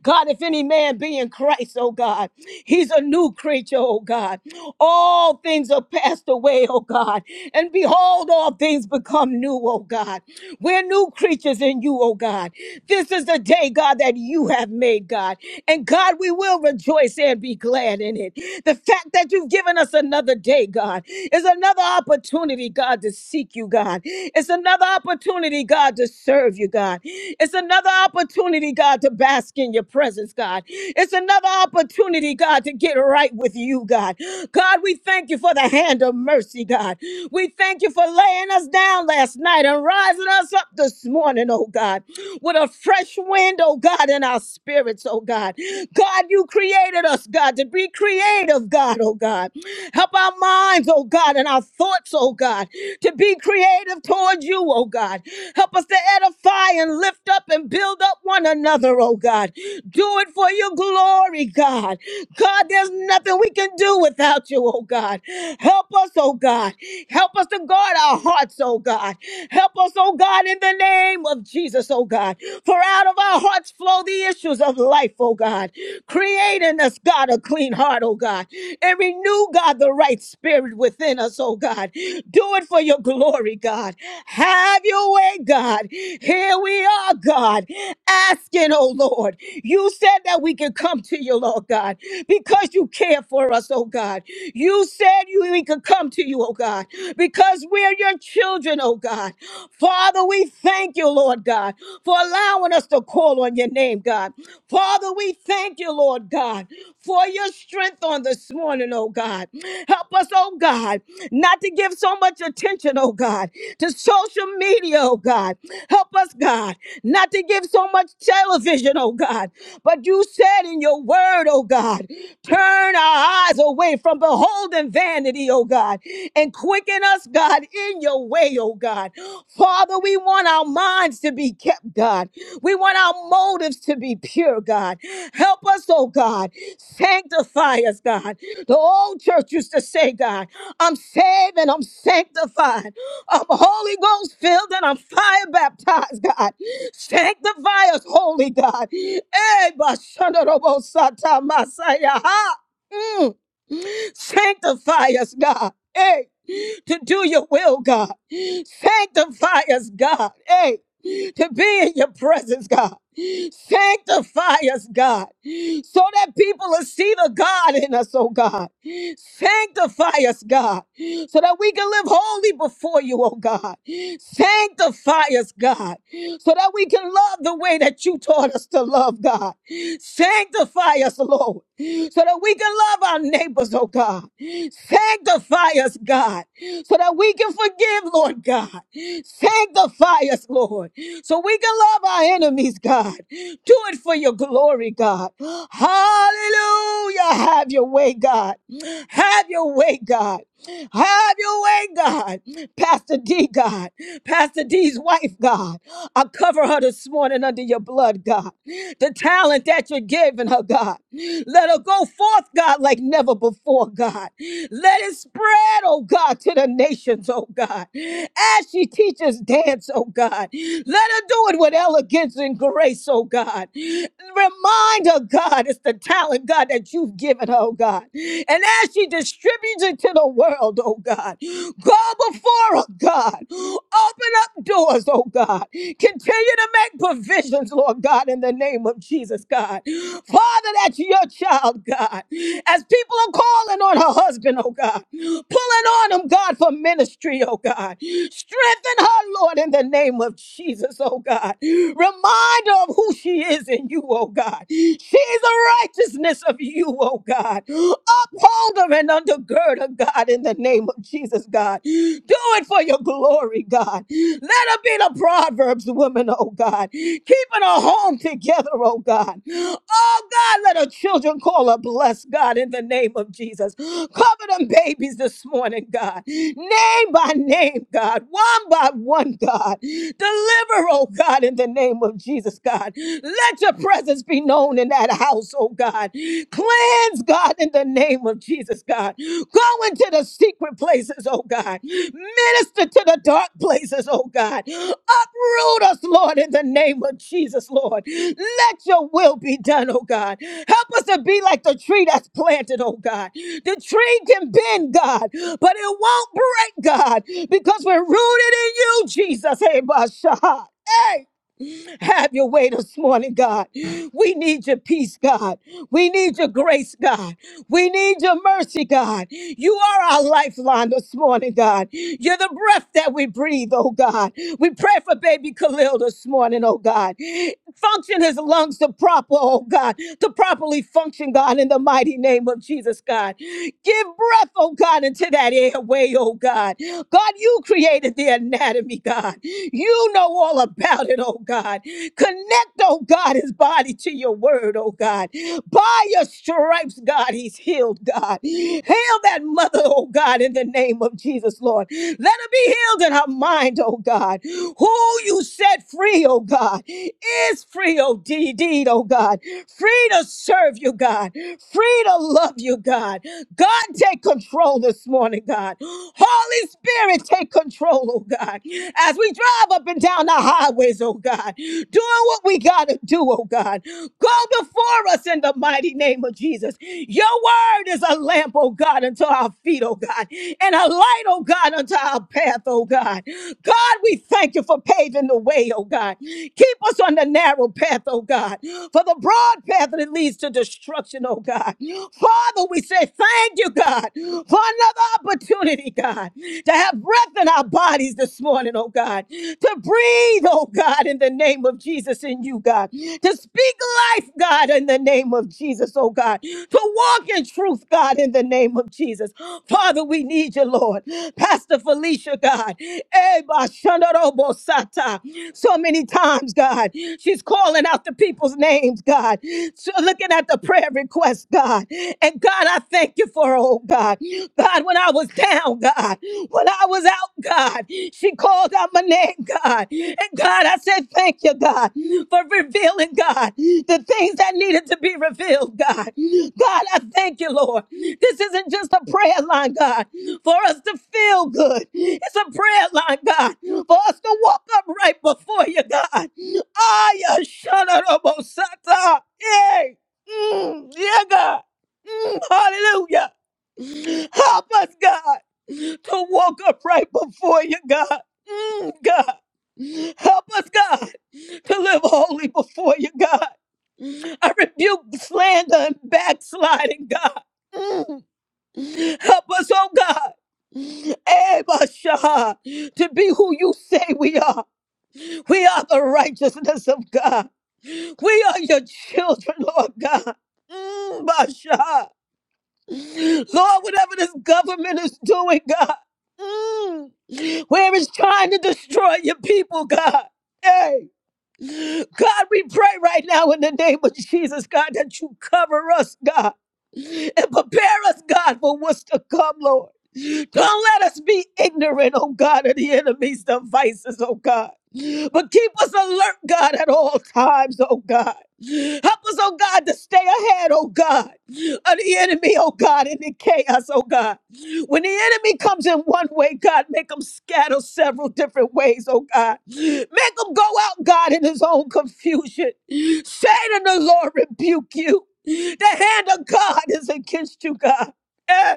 God, if any man man be in Christ, oh God. He's a new creature, oh God. All things are passed away, oh God. And behold, all things become new, oh God. We're new creatures in you, oh God. This is the day, God, that you have made, God. And God, we will rejoice and be glad in it. The fact that you've given us another day, God, is another opportunity, God, to seek you, God. It's another opportunity, God, to serve you, God. It's another opportunity, God, to bask in your presence, God. It's another opportunity, God, to get right with you, God. God, we thank you for the hand of mercy, God. We thank you for laying us down last night and rising us up this morning, oh God, with a fresh wind, oh God, in our spirits, oh God. God, you created us, God, to be creative, God, oh God. Help our minds, oh God, and our thoughts, oh God, to be creative towards you, oh God. Help us to edify and lift up and build build up one another, oh God. Do it for your glory, God. God, there's nothing we can do without you, oh God. Help us, oh God. Help us to guard our hearts, oh God. Help us, oh God, in the name of Jesus, oh God. For out of our hearts flow the issues of life, oh God. Create in us, God, a clean heart, oh God. And renew, God, the right spirit within us, oh God. Do it for your glory, God. Have your way, God. Here we are, God, asking, oh Lord. You said that we can come to you, Lord God, because you care for us, oh God. You said you, we could come to you, oh God, because we're your children, oh God. Father, we thank you, Lord God, for allowing us to call on your name, God. Father, we thank you, Lord God, for your strength on this morning, oh God. Help us, oh God, not to give so much attention, oh God, to social media media, oh God. Help us, God, not to give so much television, oh God. But you said in your word, oh God, turn our eyes away from beholding vanity, oh God, and quicken us, God, in your way, oh God. Father, we want our minds to be kept, God. We want our motives to be pure, God. Help us, oh God. Sanctify us, God. The old church used to say, God, I'm saved and I'm sanctified. I'm Holy Ghost filled and I'm fire baptized, God. Sanctify us, Holy God. Eh, bashandarobosata masaya. Ha. Mm. Sanctify us, God. Hey, to do your will, God. Sanctify us, God. Hey to be in your presence, God. Sanctify us, God, so that people will see the God in us, oh God. Sanctify us, God, so that we can live holy before you, oh God. Sanctify us, God, so that we can love the way that you taught us to love, God. Sanctify us, Lord, so that we can love our neighbors, oh God. Sanctify us, God, so that we can forgive, Lord God. Sanctify us, Lord. Lord, so we can love our enemies, God. Do it for your glory, God. Hallelujah. Have your way, God. Have your way, God. Have your way, God. Pastor D, God. Pastor D's wife, God. I cover her this morning under your blood, God. The talent that you're giving her, God. Let her go forth, God, like never before, God. Let it spread, oh God, to the nations, oh God. As she teaches dance, oh God. Let her do it with elegance and grace, oh God. Remind her, God, it's the talent, God, that you've given her, oh God. And as she distributes it to the world, oh God, go before her, God. Open up doors, oh God. Continue to make provisions, Lord God, in the name of Jesus, God. Father, that's your child, God. As people are calling on her husband, oh God, pulling on him, God, for ministry, oh God. Strengthen her, Lord, in the name of Jesus, oh God. Remind her of who she is in you, oh God. She's the righteousness of you, oh God. Uphold her and undergird her, God, in the name of Jesus, God. Do it for your glory, God. Let her be the Proverbs woman, oh God. Keeping her home home together, oh God. Oh God, let our children call her blessed, God, in the name of Jesus. Cover them babies this morning, God. Name by name, God. One by one, God. Deliver, oh God, in the name of Jesus, God. Let your presence be known in that house, oh God. Cleanse, God, in the name of Jesus, God. Go into the secret places, oh God. Minister to the dark places, oh God. Uproot us, Lord, in the name of Jesus, Lord. Let your will be done, oh God. Help us to be like the tree that's planted, oh God. The tree can bend, God, but it won't break, God, because we're rooted in you, Jesus. Hey, Basha. Hey, have your way this morning, God. We need your peace, God. We need your grace, God. We need your mercy, God. You are our lifeline this morning, God. You're the breath that we breathe, oh God. We pray for baby Khalil this morning, oh God. Function his lungs to proper, oh God, to properly function, God, in the mighty name of Jesus, God. Give breath, oh God, into that airway, oh God. God, you created the anatomy, God. You know all about it, oh God. Connect, oh God, his body to to your word, oh God. By your stripes, God, he's healed, God. Heal that mother, oh God, in the name of Jesus, Lord. Let her be healed in her mind, oh God. Who you set free, oh God, is free, oh D deed, oh God. Free to serve you, God. Free to love you, God. God, take control this morning, God. Holy Spirit, take control, oh God. As we drive up and down the highways highways, oh God, doing what we got to do, oh God. Go before us in the mighty name of Jesus. Your word is a lamp, oh God, unto our feet, oh God, and a light, oh God, unto our path, oh God. God, we thank you for paving the way, oh God. Keep us on the narrow path, oh God, for the broad path that leads to destruction, oh God. Father, we say thank you, God, for another opportunity, God, to have have breath in our bodies this morning, oh God, to breathe, oh God, in the name of Jesus in you, God, to speak life, God, in the name of Jesus, oh God, to walk in truth, God, in the name of Jesus. Father, we need you, Lord. Pastor Felicia, God, eh, ba shandarobo sata. so many times, God, she's calling out the people's names, God, so looking at the prayer request, God. And God, I thank you for her, oh God. God, when I was down, God, when I was out, God, she called out my name, God. And God, I said, thank you, God, for revealing, God, the things that needed to be revealed, God. God, I thank you, Lord. This isn't just a prayer line, God, for us to feel good. It's a prayer line, God, for us to walk up right before you, God. Ah, Shanarobosata. Yay. Mm, yeah, God. Mm, hallelujah. Help us, God, to walk upright before you, God. Mm, God. Help us, God, to live holy before you, God. I rebuke slander and backsliding, God. Mm. Help us, oh God. Ebashah, to be who you say we are. We are the righteousness of God. We are your children, Lord God. Mm, Basha. Lord, whatever this government is doing, God, mm, where it's trying to destroy your people, God. Hey. God, we pray right now in the name of Jesus, God, that you cover us, God, and prepare us, God, for what's to come, Lord. Don't let us be ignorant, oh God, of the enemy's devices, oh God. But keep us alert, God, at all times, oh God. Help us, oh God, to stay ahead, oh God, of the enemy, oh God, in the chaos, oh God. When the enemy comes in one way, God, make him scatter several different ways, oh God. Make him go out, God, in his own confusion. Satan, the Lord, rebuke you. The hand of God is against you, God. Eh,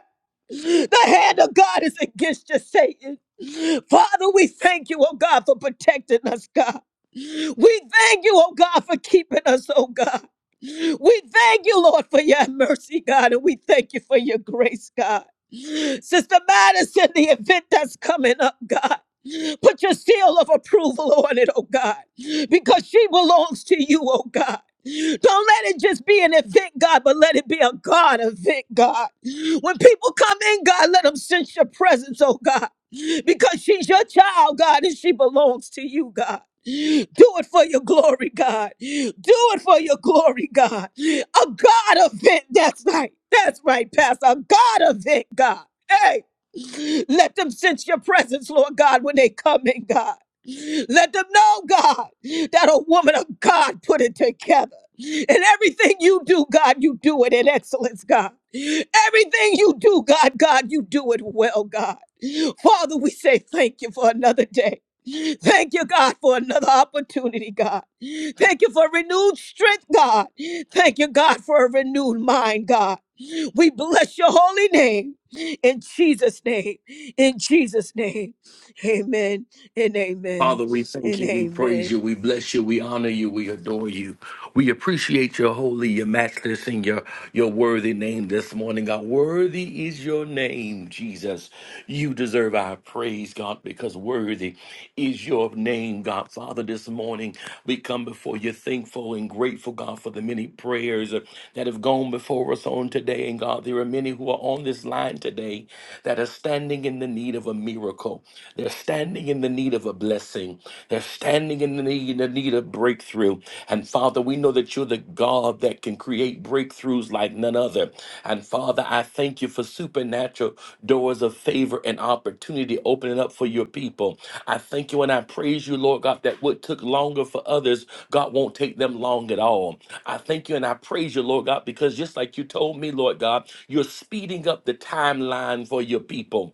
The hand of God is against you, Satan. Father, we thank you, oh God, for protecting us, God. We thank you, oh God, for keeping us, oh God. We thank you, Lord, for your mercy, God, and we thank you for your grace, God. Sister Madison, the event that's coming up, God. Put your seal of approval on it, oh God, because she belongs to you, oh God. Don't let it just be an event, God, but let it be a God event, God. When people come in, God, let them sense your presence, oh God, because she's your child, God, and she belongs to you, God. Do it for your glory, God. Do it for your glory, God. A God event. That's right. That's right, Pastor. A God event, God. Hey, let them sense your presence, Lord God, when they come in, God. Let them know, God, that a woman of God put it together. And everything you do, God, you do it in excellence, God. Everything you do, God, God, you do it well, God. Father, we say thank you for another day. Thank you, God, for another opportunity, God. Thank you for renewed strength, God. Thank you, God, for a renewed mind, God. We bless your holy name in Jesus' name. In Jesus' name. Amen and amen
Father, we thank
and
you, we
amen.
praise you, we bless you, we honor you, we adore you. We appreciate your holy, your matchless, and your, your worthy name this morning, God. Worthy is your name, Jesus. You deserve our praise, God, because worthy is your name, God. Father, this morning we come before you thankful and grateful, God, for the many prayers that have gone before us on today. And God, there are many who are on this line today that are standing in the need of a miracle. They're standing in the need of a blessing. They're standing in the need, in the need of breakthrough. And Father, we know that you're the God that can create breakthroughs like none other. And Father, I thank you for supernatural doors of favor and opportunity opening up for your people. I thank you and I praise you, Lord God, that what took longer for others, God won't take them long at all. I thank you and I praise you, Lord God, because just like you told me, Lord God, you're speeding up the timeline for your people.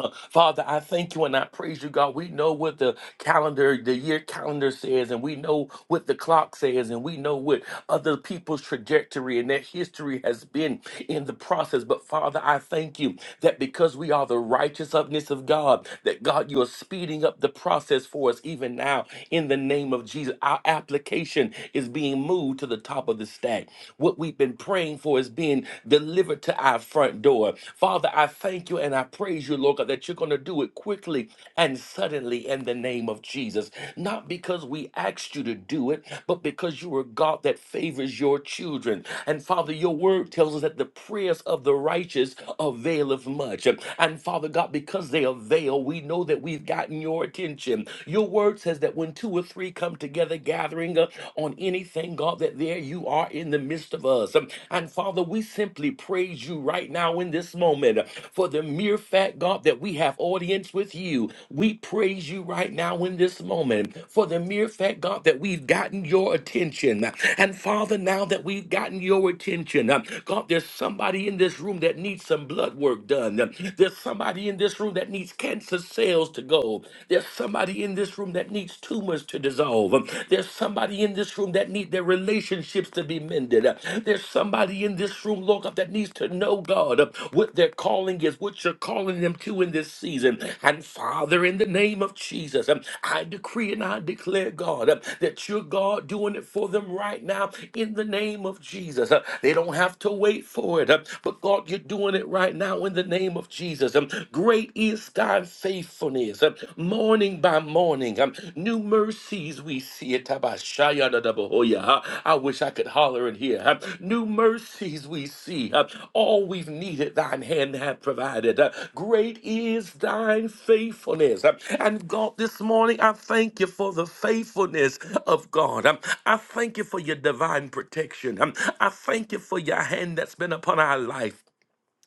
Uh, Father, I thank you and I praise you, God. We know what the calendar, the year calendar says, and we know what the clock says, and we know what other people's trajectory and their history has been in the process. But Father, I thank you that because we are the righteousness of God, that God, you are speeding up the process for us even now in the name of Jesus. Our application is being moved to the top of the stack. What we've been praying for is being delivered delivered to our front door. Father, I thank you and I praise you, Lord God, that you're going to do it quickly and suddenly in the name of Jesus. Not because we asked you to do it, but because you are God that favors your children. And Father, your word tells us that the prayers of the righteous availeth much. And Father God, because they avail, we know that we've gotten your attention. Your word says that when two or three come together gathering uh, on anything, God, that that there you are in the midst of us. Um, And Father, we simply praise you right now in this moment uh, for the mere fact, God, that we have audience with you. We praise you right now in this moment for the mere fact, God, that we've gotten your attention. And Father, now that we've gotten your attention, uh, God, there's somebody in this room that needs some blood work done. There's somebody in this room that needs cancer cells to go. There's somebody in this room that needs tumors to dissolve. Um, There's somebody in this room that need their relationships to be mended. Uh, There's somebody in this room, Lord God, that needs to know God uh, what their calling is, what you're calling them to in this season. And Father, in the name of Jesus, um, I decree and I declare, God, uh, that you're God doing it for them right now in the name of Jesus. Uh, They don't have to wait for it, uh, but God, you're doing it right now in the name of Jesus. Um, Great is thy faithfulness. Um, morning by morning, um, new mercies we see. it. Tabashaya da da bohoya. Uh, I wish I could holler in here. Um, new mercies we see. Um, all we've needed, thine hand hath provided. Uh, great is thine faithfulness. Um, and God, this morning, I thank you for the faithfulness of God. Um, I thank you for your divine protection. Um, I thank you for your hand that's been upon our life.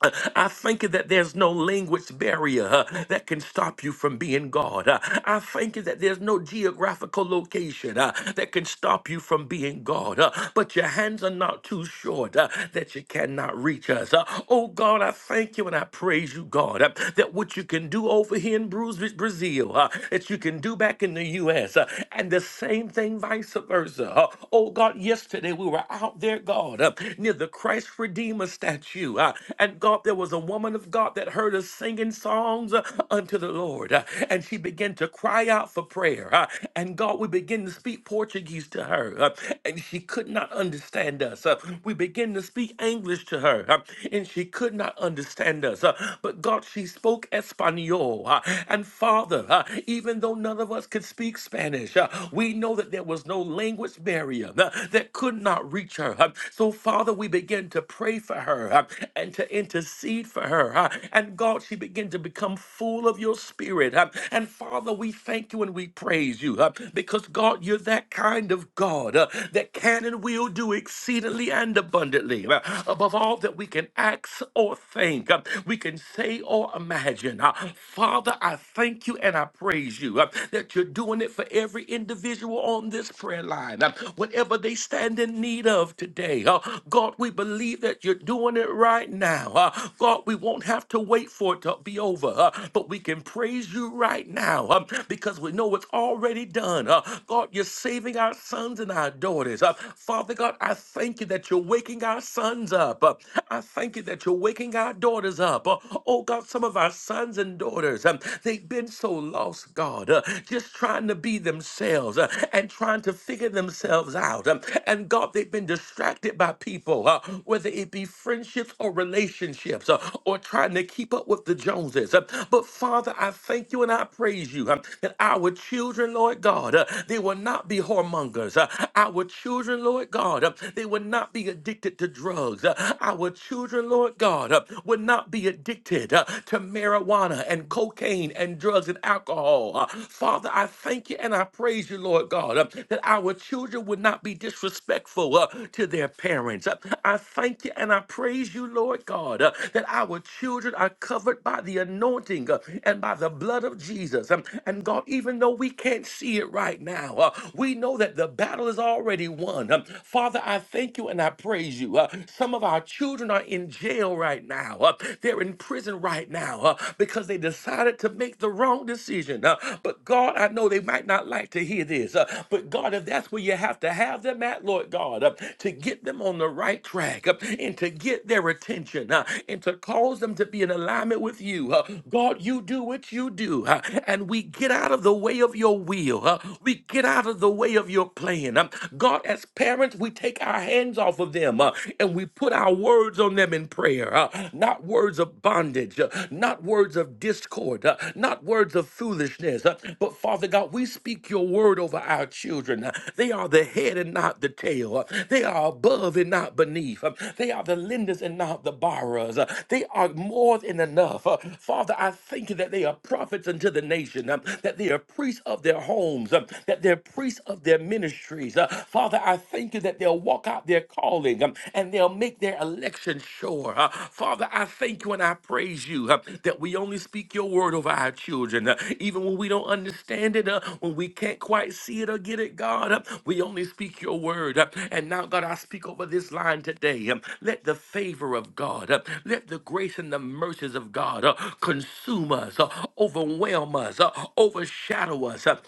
Uh, I thank you that there's no language barrier uh, that can stop you from being God. Uh, I thank you that there's no geographical location uh, that can stop you from being God. Uh, But your hands are not too short uh, that you cannot reach us. Uh, Oh God, I thank you and I praise you, God, uh, that what you can do over here in Bruce, Brazil, uh, that you can do back in the U.S., uh, and the same thing vice versa. Uh, Oh God, yesterday we were out there, God, uh, near the near the Christ Redeemer statue. Uh, and God, there was a woman of God that heard us singing songs uh, unto the Lord. Uh, and she began to cry out for prayer. Uh, and God, we begin to speak Portuguese to her. Uh, and she could not understand us. Uh, we begin to speak English to her. Uh, and she could not understand us. Uh, but God, she spoke Espanol. Uh, and Father, uh, even though none of us could speak Spanish, uh, we know that there was no language barrier uh, that could not reach her. Uh, So, Father, we begin to pray for her uh, and to intercede for her. uh, And God, she began to become full of your spirit. uh, And Father, we thank you and we praise you uh, because, God, you're that kind of God uh, that can and will do exceedingly and abundantly uh, above all that we can ask or think, uh, we can say or imagine. Uh, Father, I thank you and I praise you uh, that you're doing it for every individual on this prayer line, uh, whatever they stand in need of today. uh, God, we believe that you're doing it right now. uh, God, we won't have to wait for it to be over, uh, but we can praise you right now um, because we know it's already done. uh, God, you're saving our sons and our daughters. uh, Father God, I thank you that you're waking our sons up. uh, I thank you that you're waking our daughters up. uh, oh God, some of our sons and daughters, um, they've been so lost, God, uh, just trying to be themselves uh, and trying to figure themselves out. Um, and God, they've been distracted by people, uh, whether it be friendships or relationships uh, or trying to keep up with the Joneses. Uh, but Father, I thank you and I praise you um, that our children, Lord God, uh, they will not be whoremongers. Uh, our children, Lord God, uh, they will not be addicted to drugs. Uh, our children, Lord God, uh, will not be addicted uh, to to marijuana and cocaine and drugs and alcohol. Uh, Father, I thank you and I praise you, Lord God, uh, that our children would not be disrespectful uh, to their parents. Uh, I thank you and I praise you, Lord God, uh, that our children are covered by the anointing uh, and by the blood of Jesus. Um, and God, even though we can't see it right now, uh, we know that the battle is already won. Um, Father, I thank you and I praise you. Uh, some of our children are in jail jail right now. Uh, They're in prison right now uh, because they decided to make the wrong decision. Uh, But God, I know they might not like to hear this, uh, but God, if that's where you have to have them at, Lord God, uh, to get them on the right track uh, and to get their attention uh, and to cause them to be in alignment with you. uh, God, you do what you do, uh, and we get out of the way of your will. uh, We get out of the way of your plan. Um, God, as parents, we take our hands off of of them uh, and we put our words on them in prayer. uh, not words of bondage, uh, not words of discord, uh, not words of foolishness. uh, but Father God, we speak your word over our children. uh, they are the head and not the tail. uh, they are above and not beneath. uh, they are the lenders and not the borrowers. uh, they are more than enough. uh, Father, I thank you that they are prophets unto the nation, uh, that they are priests of their homes, uh, that they're priests of their ministries, days. Uh, Father, I thank you that they'll walk out their calling um, and they'll make their election sure. Uh, Father, I thank you and I praise you uh, that we only speak your word over our children. uh, even when we don't understand it, uh, when we can't quite see it or get it, God, uh, we only speak your word. uh, and now, God, I speak over this line today. um, let the favor of God, uh, let the grace and the mercies of God uh, consume us, uh, overwhelm us, uh, overshadow us. uh,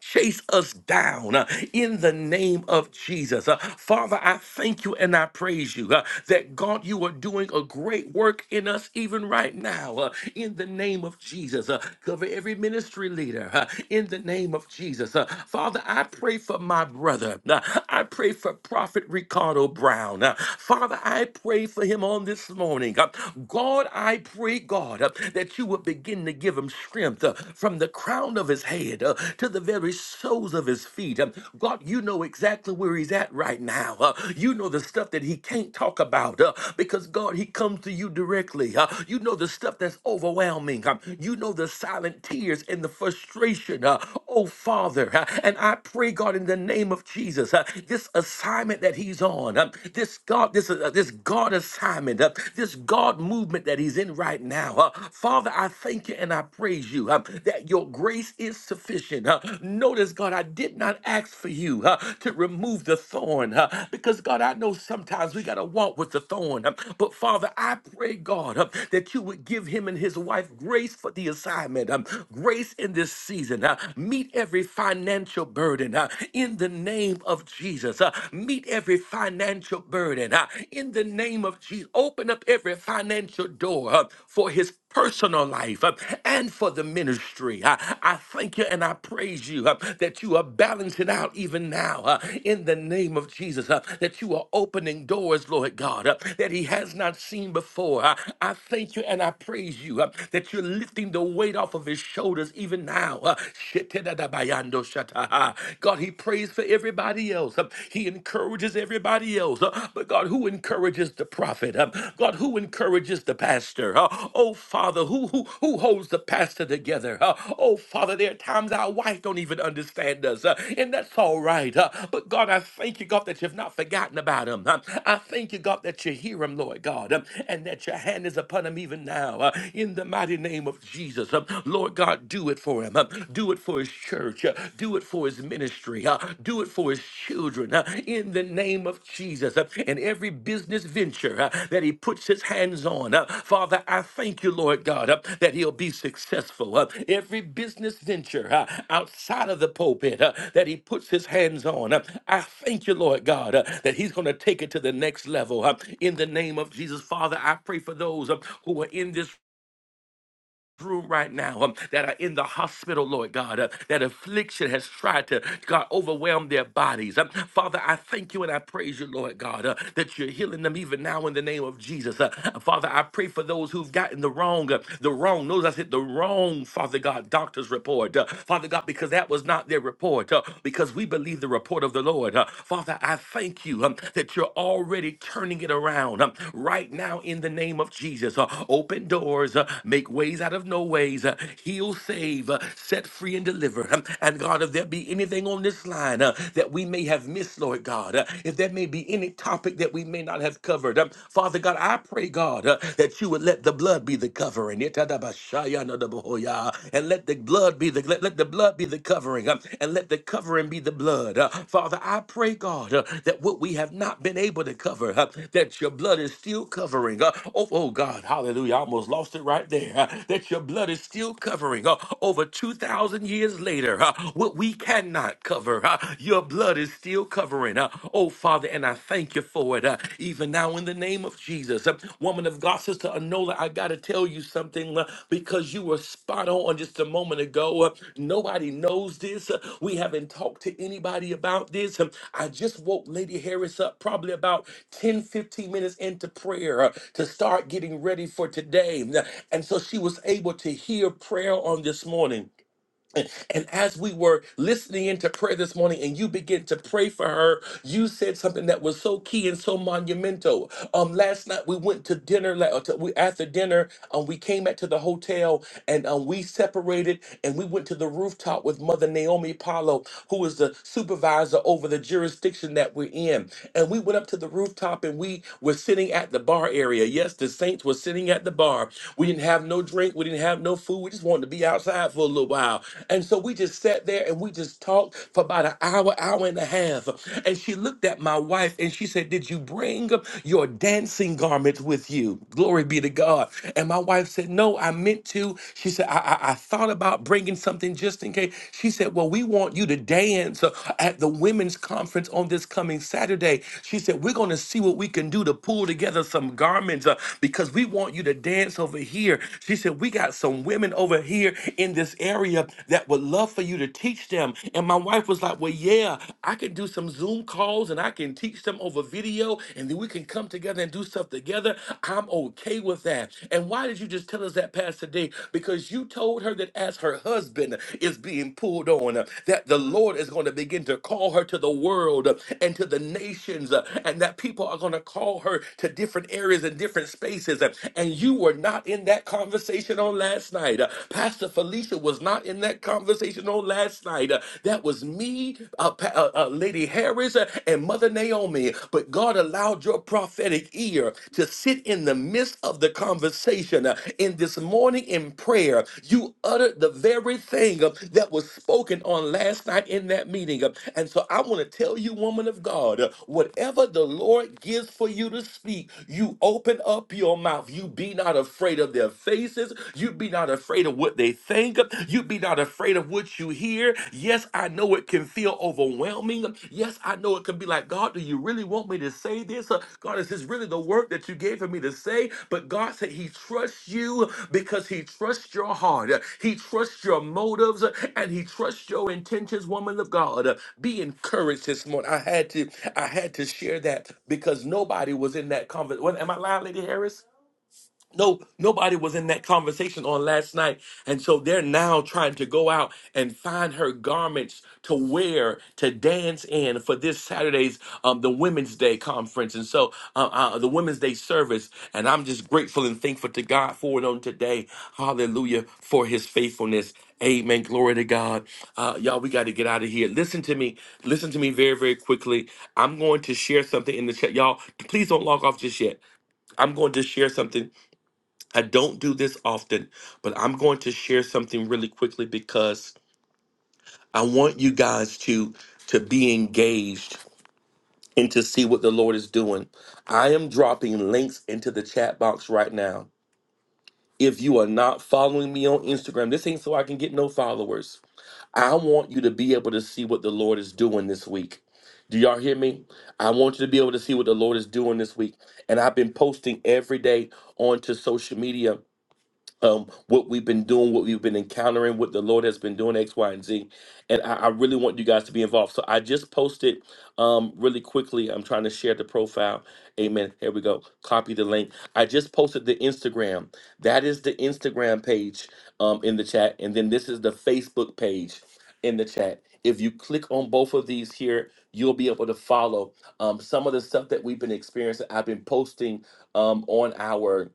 Chase us down uh, in the name of Jesus. Uh, Father, I thank you and I praise you uh, that God, you are doing a great work in us even right now uh, in the name of Jesus. Uh, cover every ministry leader uh, in the name of Jesus. Uh, Father, I pray for my brother. Uh, I pray for Prophet Ricardo Brown. Uh, Father, I pray for him on this morning. Uh, God, I pray, God, uh, that you would begin to give give him strength uh, from the crown of his head uh, to the very soles of his feet. Um, God, you know exactly where he's at right now. Uh, you know the stuff that he can't talk about uh, because, God, he comes to you directly. Uh, you know the stuff that's overwhelming. Um, you know the silent tears and the frustration. Uh, oh, Father. uh, and I pray, God, in the name of Jesus, uh, this assignment that he's on, um, this God, this, uh, this God assignment, uh, this God God movement that he's in right now. Uh, Father, I thank you and I praise you uh, that your grace is sufficient. Uh, notice, God, I did not ask for you uh, to remove the thorn uh, because, God, I know sometimes we got to walk with the thorn. uh, but, Father, I pray, God, uh, that you would give him and his wife grace for the assignment, um, grace in this season. uh, meet every financial burden uh, in the name of Jesus. uh, meet every financial financial burden. uh, In the name of Jesus, open up every financial door uh, for his personal life uh, and for the ministry. Uh, I thank you and I praise you uh, that you are balancing out even now uh, in the name of Jesus, uh, that you are opening doors, Lord God, uh, that he has not seen before. Uh, I thank you and I praise you uh, that you're lifting the weight off of his shoulders even now. uh, God, he prays for everybody else. Um, He encourages everybody else. Uh, But God, who encourages the prophet? Um, God, who encourages the pastor? Uh, Oh Father, who who who holds the pastor together? Uh, Oh Father, there are times our wife don't even understand us, uh, and that's all right. Uh, But God, I thank you, God, that you've not forgotten about him. Um, I thank you, God, that you hear him, Lord God, um, and that your hand is upon him even now. uh, In the mighty name of Jesus, Um, Lord God, do it for him for him. uh, Do it for his church. uh, Do it for his ministry. uh, Do it for his children. uh, In the name of Jesus. uh, And every business venture uh, that he puts his hands on, uh, Father, I thank you, Lord God, uh, that he'll be successful. uh, Every business venture uh, outside of the pulpit uh, that he puts his hands on, uh, I thank you, Lord God, uh, that he's going to take it to the next level. uh, In the name of Jesus, Father, I pray for those uh, who are in this room right now um, that are in the hospital, Lord God, uh, that affliction has tried to, God, overwhelm their bodies. Um, Father, I thank you and I praise you, Lord God, uh, that you're healing them even now in the name of Jesus. Uh, Father, I pray for those who've gotten the wrong, uh, the wrong, those I said the wrong, Father God, doctor's report. Uh, Father God, because that was not their report, uh, because we believe the report of the Lord. Uh, Father, I thank you thank you um, that you're already turning it around um, right now in the name of Jesus. Uh, open doors, uh, make ways out of no ways, uh, heal, save, uh, set free, and deliver. Um, and God, if there be anything on this line uh, that we may have missed, Lord God, uh, if there may be any topic that we may not have covered, um, Father God, I pray, God, uh, that you would let the blood be the covering uh, and let the blood be the let, let the blood be the covering, uh, and let the covering be the blood. Uh, Father, I pray, God, uh, that what we have not been able to cover, uh, that your blood is still covering. Uh, oh, oh, God, hallelujah! I almost lost it right there. uh, that your blood is still covering uh, over two thousand years later. uh, what we cannot cover, uh, your blood is still covering. uh, oh, Father, and I thank you for for it, uh, even now in the name of Jesus. Uh, woman of God, Sister Anola, I got to tell you something uh, because you were spot on just a moment ago. Uh, nobody knows this. Uh, we haven't talked to anybody about this. Um, I just woke Lady Harris up probably about 10 15 minutes into prayer uh, to start getting ready for today. Uh, And so she was able to hear prayer on this morning. And as we were listening into prayer this morning and you begin to pray for her, you said something that was so key and so monumental. Um, last night we went to dinner, la- uh, to- we after dinner, um, we came back to the hotel and um, we separated and we went to the rooftop with Mother Naomi Paulo, who is the supervisor over the jurisdiction that we're in. And we went up to the rooftop and we were sitting at the bar area. Yes, the saints were sitting at the bar. We didn't have no drink, we didn't have no food, we just wanted to be outside outside for a little while. And so we just sat there and we just talked for about an hour, hour and a half. And she looked at my wife and she said, Did you bring your dancing garments with you? Glory be to God. And my wife said, No, I meant to. She said, I, I, I thought about bringing something just in case. She said, Well, we want you to dance uh, at the women's conference on this coming Saturday. She said, We're going to see what we can do to pull together some garments uh, because we want you to dance over here. She said, We got some women women over here in this area that would love for you to teach them. And my wife was like, Well, yeah, I can do some Zoom calls and I can teach them over video and then we can come together and do stuff together. I'm okay with that. And why did you just tell us that, Pastor Day? Because you told her that as her husband is being pulled on, uh, that the Lord is going to begin to call her to the world uh, and to the nations, uh, and that people are going to call her to different areas and different spaces. uh, And you were not in that conversation conversation on last night. Uh, Pastor Felicia was not in that conversation on last night. Uh, that was me, uh, Pa- uh, uh, Lady Harris, uh, and Mother Naomi. But God allowed your prophetic ear to sit in the midst of the conversation. Uh, in this morning in prayer, you uttered the very thing uh, that was spoken on last night in that meeting. Uh, and so I want to tell you, woman of God, uh, whatever the Lord gives for you to speak, you open up your mouth. You be not afraid of their faces. You be not afraid of what they think. You be not afraid of what you hear. Yes, I know it can feel overwhelming. Yes, I know it can be like, God, do you really want me to say this? Uh, God, is this really the word that you gave for me to say? But God said He trusts you because He trusts your heart. Uh, He trusts your motives uh, and He trusts your intentions, woman of God. Uh, Be encouraged this morning. I had to, I had to share that because nobody was in that conversation. Am I lying, Lady Harris? no nobody was in that conversation on last night and so they're now trying to go out and find her garments to wear to dance in for this saturday's um, the women's day conference and so uh, uh, the women's day service and i'm just grateful and thankful to god for it on today hallelujah for his faithfulness Amen. Glory to God. Uh, y'all, we got to get out of here. Listen to me. Listen to me very, very quickly. I'm going to share something in the chat. Y'all, please don't log off just yet. I'm going to share something I don't do this often, but I'm going to share something really quickly because I want you guys to to be engaged and to see what the Lord is doing. I am dropping links into the chat box right now. If you are not following me on Instagram, this ain't so I can get no followers. I want you to be able to see what the Lord is doing this week. Do y'all hear me? I want you to be able to see what the Lord is doing this week. And I've been posting every day onto social media um, what we've been doing, what we've been encountering, what the Lord has been doing, X, Y, and Z. And I, I really want you guys to be involved. So I just posted um, really quickly. I'm trying to share the profile. Amen. Here we go. Copy the link. I just posted the Instagram. That is the Instagram page um, in the chat. And then this is the Facebook page in the chat. If you click on both of these here, you'll be able to follow um, some of the stuff that we've been experiencing. I've been posting um, on our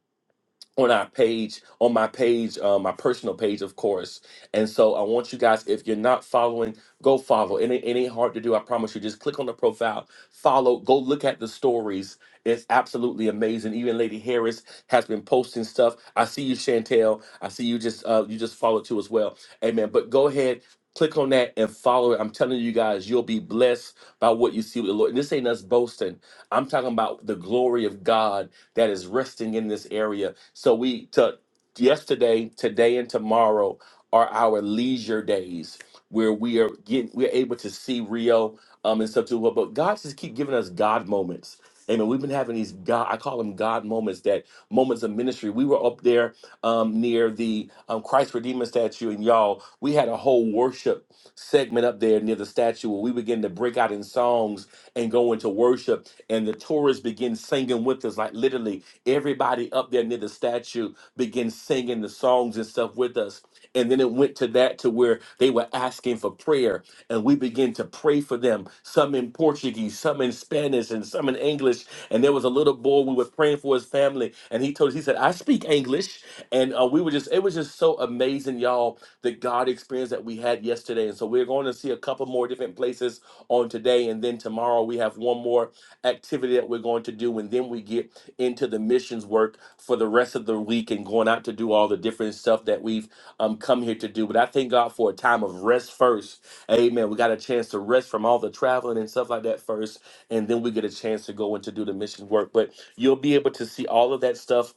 on our page, on my page, uh, my personal page, of course. And so I want you guys, if you're not following, go follow. It ain't, it ain't hard to do. I promise you. Just click on the profile, follow, go look at the stories. It's absolutely amazing. Even Lady Harris has been posting stuff. I see you, Chantel. I see you just uh, you just follow too as well. Amen. But go ahead, click on that and follow it. I'm telling you guys, you'll be blessed by what you see with the Lord. And this ain't us boasting. I'm talking about the glory of God that is resting in this area. So we to yesterday, today, and tomorrow are our leisure days where we are getting we're able to see Rio um and stuff too. But but God just keep giving us God moments. Amen. We've been having these God, I call them God moments, that moments of ministry. We were up there um, near the um, Christ Redeemer statue, and y'all, we had a whole worship segment up there near the statue where we began to break out in songs and go into worship and the tourists begin singing with us. Like literally, everybody up there near the statue began singing the songs and stuff with us. And then it went to that to where they were asking for prayer, and we began to pray for them. Some in Portuguese, some in Spanish, and some in English. And there was a little boy we were praying for his family, and he told us he said, "I speak English," and uh, we were just it was just so amazing, y'all, the God experience that we had yesterday. And so we're going to see a couple more different places on today, and then tomorrow we have one more activity that we're going to do and then we get into the missions work for the rest of the week and going out to do all the different stuff that we've um, come here to do but i thank god for a time of rest first amen we got a chance to rest from all the traveling and stuff like that first and then we get a chance to go and to do the mission work but you'll be able to see all of that stuff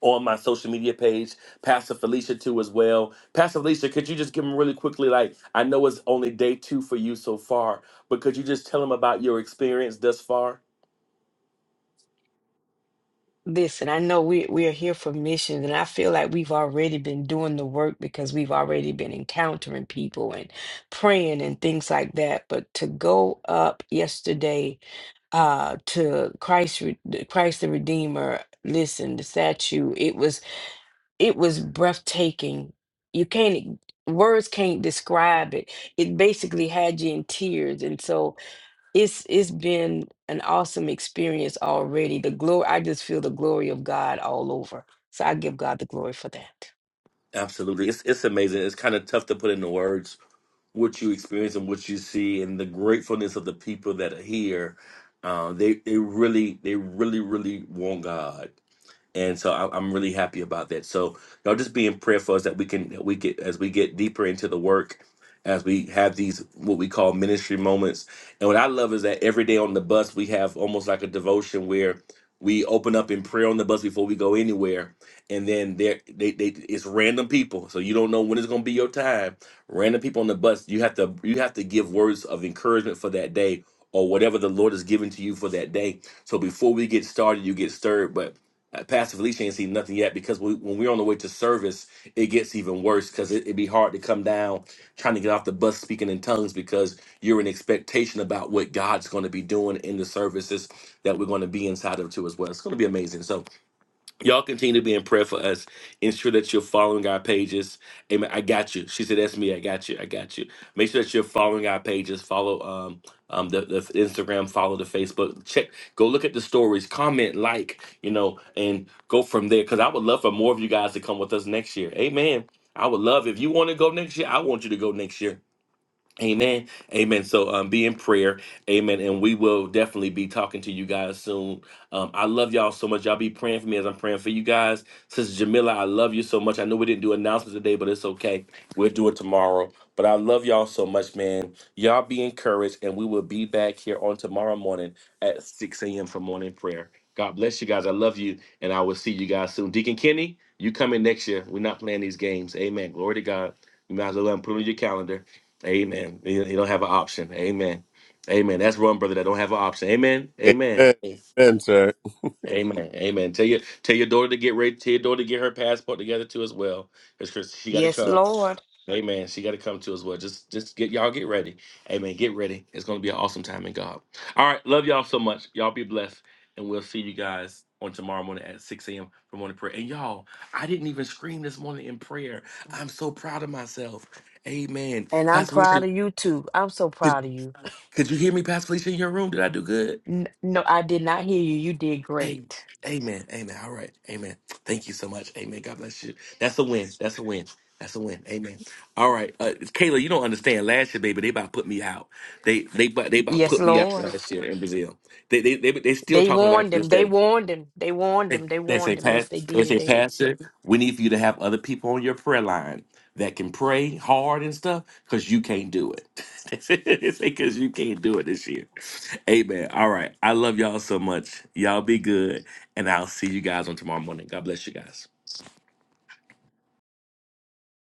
on my social media page, Pastor Felicia too as well. Pastor Felicia, could you just give them really quickly? Like I know it's only day two for you so far, but could you just tell them about your experience thus far?
Listen, I know we we are here for missions, and I feel like we've already been doing the work because we've already been encountering people and praying and things like that. But to go up yesterday, uh, to Christ, Re- Christ the Redeemer, listen, the statue, it was it was breathtaking. You can't words can't describe it. It basically had you in tears, and so it's it's been an awesome experience already. The glory, I just feel the glory of God all over. So I give God the glory for that.
Absolutely. It's it's amazing. It's kind of tough to put into words what you experience and what you see and the gratefulness of the people that are here. Uh, they they really they really really want God and so I- I'm really happy about that. So y'all just be in prayer for us that we can that we get as we get deeper into the work, as we have these what we call ministry moments. And what I love is that every day on the bus we have almost like a devotion where we open up in prayer on the bus before we go anywhere, and then there they, they it's random people, so you don't know when it's gonna be your time. Random people on the bus, you have to you have to give words of encouragement for that day or whatever the Lord has given to you for that day. So before we get started, you get stirred, but uh, Pastor Felicia ain't seen nothing yet because we, when we're on the way to service, it gets even worse because it, it'd be hard to come down trying to get off the bus speaking in tongues because you're in expectation about what God's going to be doing in the services that we're going to be inside of too as well. It's going to be amazing. so. Y'all continue to be in prayer for us. Ensure that you're following our pages. Amen. I got you. She said, "That's me. I got you. I got you." Make sure that you're following our pages. Follow um um the, the Instagram. Follow the Facebook. Check. Go look at the stories. Comment, like, you know, and go from there. Because I would love for more of you guys to come with us next year. Amen. I would love if you want to go next year. I want you to go next year Amen. Amen. So um be in prayer. Amen. And we will definitely be talking to you guys soon. Um, I love y'all so much. Y'all be praying for me as I'm praying for you guys. Sister Jamila, I love you so much. I know we didn't do announcements today, but it's okay. We'll do it tomorrow. But I love y'all so much, man. Y'all be encouraged, and we will be back here on tomorrow morning at 6 a.m. for morning prayer. God bless you guys. I love you, and I will see you guys soon. Deacon Kenny, you coming next year. We're not playing these games. Amen. Glory to God. You might as well go ahead and put it on your calendar. Amen. You he don't have an option. Amen. Amen. That's one brother that don't have an option. Amen. Amen.
Amen. Amen, sir.
Amen. Amen. Tell your tell your daughter to get ready. Tell your daughter to get her passport together too as well. Because she got to
Yes,
come.
Lord.
Amen. She got to come too as well. Just just get y'all get ready. Amen. Get ready. It's gonna be an awesome time in God. All right. Love y'all so much. Y'all be blessed, and we'll see you guys on tomorrow morning at 6 a.m. for morning prayer. And y'all, I didn't even scream this morning in prayer. I'm so proud of myself. Amen.
And I'm
Pastor
proud
Richard.
of you too. I'm so proud of you.
Could you hear me, Pastor Felicia, in your room? Did I do good?
N- No, I did not hear you. You did
Hey,
great.
amen. Amen. All right. Amen. Thank you so much. Amen. God bless you. That's a win. That's a win. That's a win. Amen. All right. Uh, Kayla, you don't understand. Last year, baby, they about put me out. They they about they about
Yes,
put me out
Lord.
last year in Brazil. They they they, they still
They
talking about it to
warned him.
this
They
day.
warned him. They warned
They
him. They
they say,
warned him. Yes,
Pat,
they
they
did.
say,
They.
Pastor, we need for you to have other people on your prayer line that can pray hard and stuff because you can't do it. they say, because you can't do it this year. Amen. All right. I love y'all so much. Y'all be good. And I'll see you guys on tomorrow morning. God bless you guys.